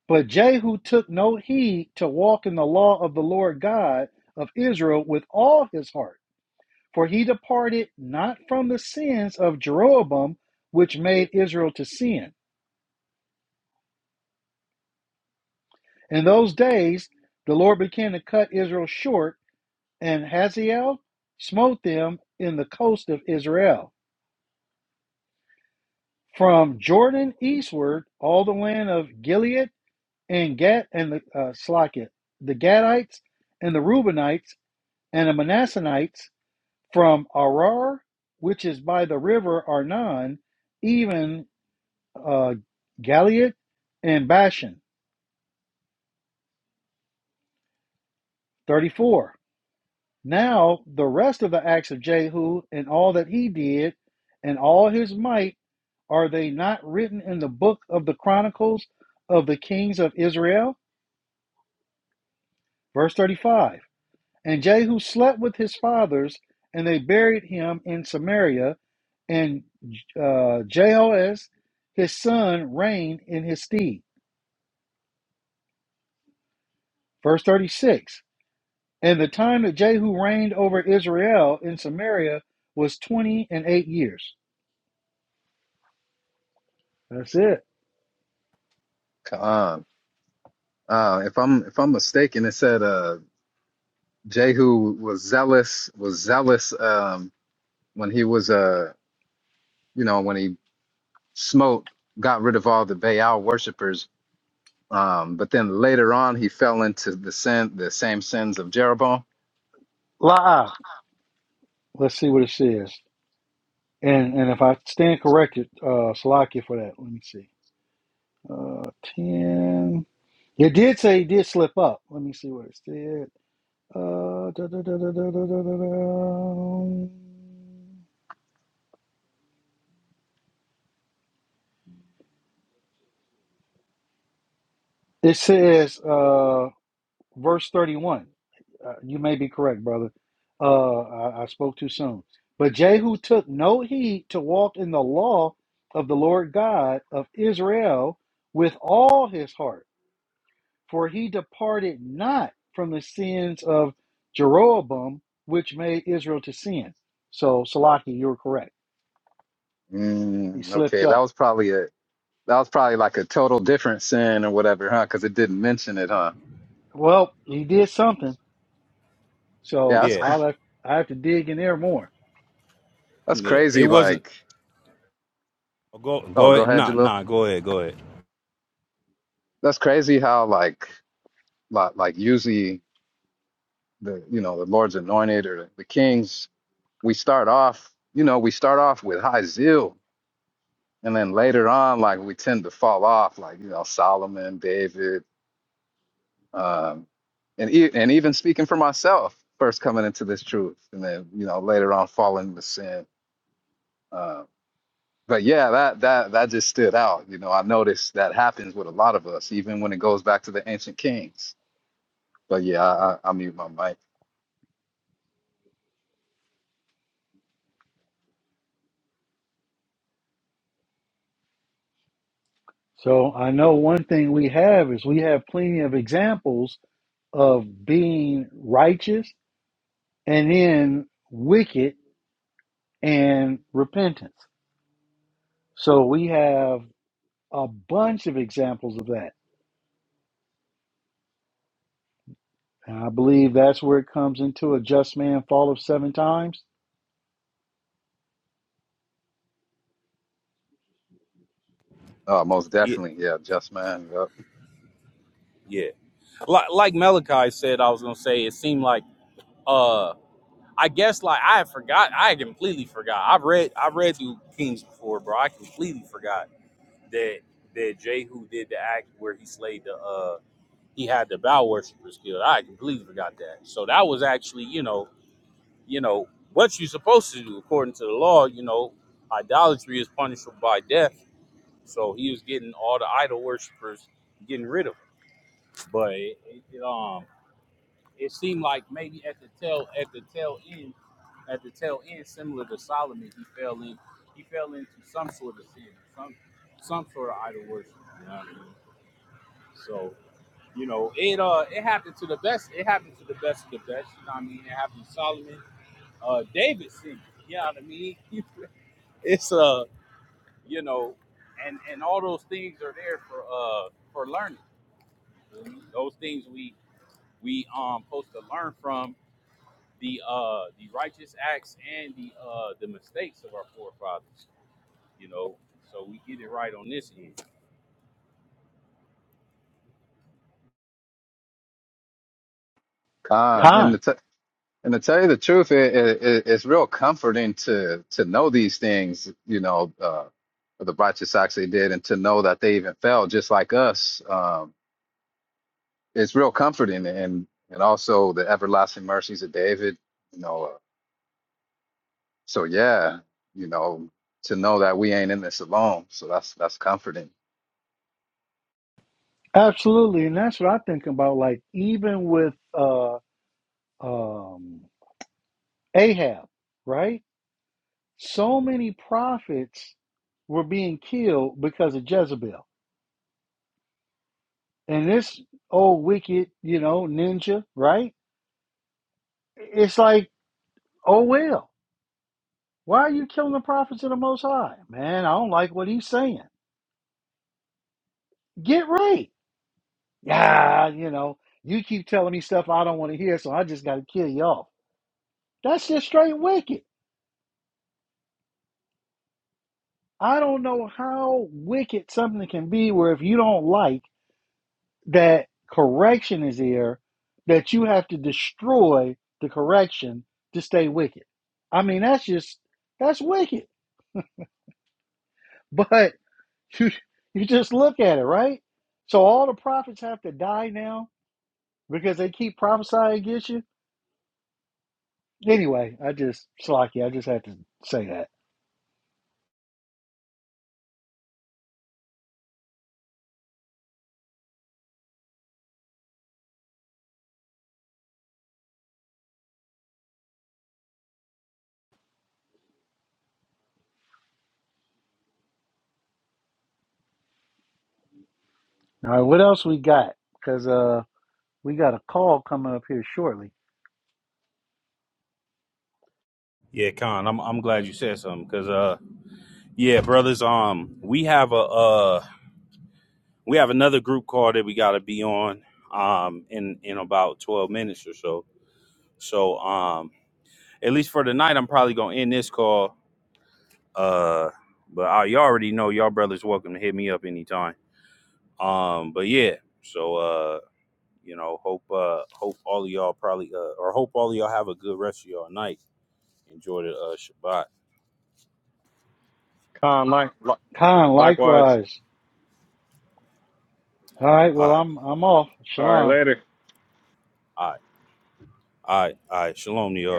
But Jehu took no heed to walk in the law of the Lord God of Israel with all his heart, for he departed not from the sins of Jeroboam, which made Israel to sin. In those days, the Lord began to cut Israel short, and Hazael smote them in the coast of Israel. From Jordan eastward, all the land of Gilead and Gad and the uh, Slaket, the Gadites and the Reubenites and the Manassanites From Arar, which is by the river Arnon, even uh, Galiad and Bashan. 34. Now the rest of the acts of Jehu and all that he did and all his might, are they not written in the book of the chronicles of the kings of Israel? Verse 35. And Jehu slept with his fathers, and they buried him in Samaria. And uh, Jehoaz, his son, reigned in his stead. Verse 36. And the time that Jehu reigned over Israel in Samaria was 20 and 8 years. That's it.
Come on. Uh, if I'm if I'm mistaken, it said uh, Jehu was zealous was zealous um, when he was uh you know when he smote got rid of all the Baal worshippers. Um, but then later on, he fell into the sin the same sins of Jeroboam.
La. Let's see what it says. And and if I stand corrected, uh, Salakia for that. Let me see. Uh, 10. It did say he did slip up. Let me see what it said. Uh, da, da, da, da, da, da, da, da, It says, uh, verse 31. Uh, you may be correct, brother. Uh, I, I spoke too soon. But Jehu took no heed to walk in the law of the Lord God of Israel with all his heart, for he departed not from the sins of Jeroboam, which made Israel to sin. So, Salaki, you're correct. He
Mm,
slipped
okay, that
up.
was probably a that was probably like a total different sin or whatever, huh? Because it didn't mention it, huh?
Well, he did something
Yeah,
So
that's
Yeah,
cr-
I'll have, I have to dig in there more.
that's
yeah. It
crazy.
wasn't
Like,
oh, go
oh,
go
go
ahead.
ahead,
Nah,
Jalil.
nah, go ahead, go ahead.
That's crazy how like like like usually the you know the Lord's anointed or the kings, we start off you know we start off with high zeal, and then later on like we tend to fall off, like you know Solomon, David, um, and e- and even speaking for myself, first coming into this truth, and then you know later on falling into sin. Uh, but yeah, that that that just stood out. You know, I noticed that happens with a lot of us, even when it goes back to the ancient kings. But yeah, I, I, I mute my mic.
So I know one thing we have is we have plenty of examples of being righteous and then wicked and repentance. So we have a bunch of examples of that. And I believe that's where it comes into a just man fall of seven times.
Oh, most
Yeah,
definitely. Yeah, just man. Yep.
yeah. Like like Malachi said, I was gonna say it seemed like uh I guess like I had forgot I had completely forgot. I've read I've read through Kings before, bro. I completely forgot that that Jehu did the act where he slayed the uh he had the bow worshippers killed. I completely forgot that. So that was actually, you know, you know, what you're supposed to do according to the law, you know, idolatry is punishable by death. So he was getting all the idol worshippers getting rid of them. But it, it um it seemed like maybe at the tail at the tail end at the tail end, similar to Solomon, he fell in he fell into some sort of sin, some some sort of idol worship. You know what I mean? So, You know, it uh it happened to the best. It happened to the best of the best. You know what I mean? It happened to Solomon, uh, David singing. You know what I mean? it's uh you know, and and all those things are there for uh for learning. Those things we we um supposed to learn from the uh the righteous acts and the uh the mistakes of our forefathers. You know, so we get it right on this end.
Con in the
Time.
t- And to tell you the truth, it, it, it's real comforting to to know these things, you know, uh, the righteous acts they did, and to know that they even fell just like us. Um, it's real comforting, and and also the everlasting mercies of David, you know. Uh, so yeah, you know, to know that we ain't in this alone. So that's that's comforting.
Absolutely. And that's what I think about. Like even with uh um Ahab, right? So many prophets were being killed because of Jezebel. And this old wicked, you know, ninja, right? It's like, oh well, why are you killing the prophets of the Most High? Man, I don't like what he's saying. Get right. Yeah, you know, you keep telling me stuff I don't want to hear, so I just got to kill you off. That's just straight wicked. I don't know how wicked something can be where if you don't like, that correction is here, that you have to destroy the correction to stay wicked. I mean, that's just that's wicked. But you you just look at it, right? So all the prophets have to die now because they keep prophesying against you. Anyway, I just slocky. I just had to say that. All right, what else we got? Because uh, we got a call coming up here shortly.
Yeah, Con, I'm I'm glad you said something because uh yeah, brothers, um we have a uh. We have another group call that we got to be on um, in in about twelve minutes or so. So um, at least for tonight, I'm probably gonna end this call. Uh, but I, you already know, y'all brothers welcome to hit me up anytime. Um, but yeah, so uh, you know, hope uh, hope all of y'all probably uh, or hope all of y'all have a good rest of y'all night. Enjoy the uh, Shabbat.
Con, like, li-
Khan,
likewise.
likewise. All right, well
All right,
I'm I'm off.
All right,
Shalom.
later.
all right, all right, all right. Shalom to
All right.
y'all.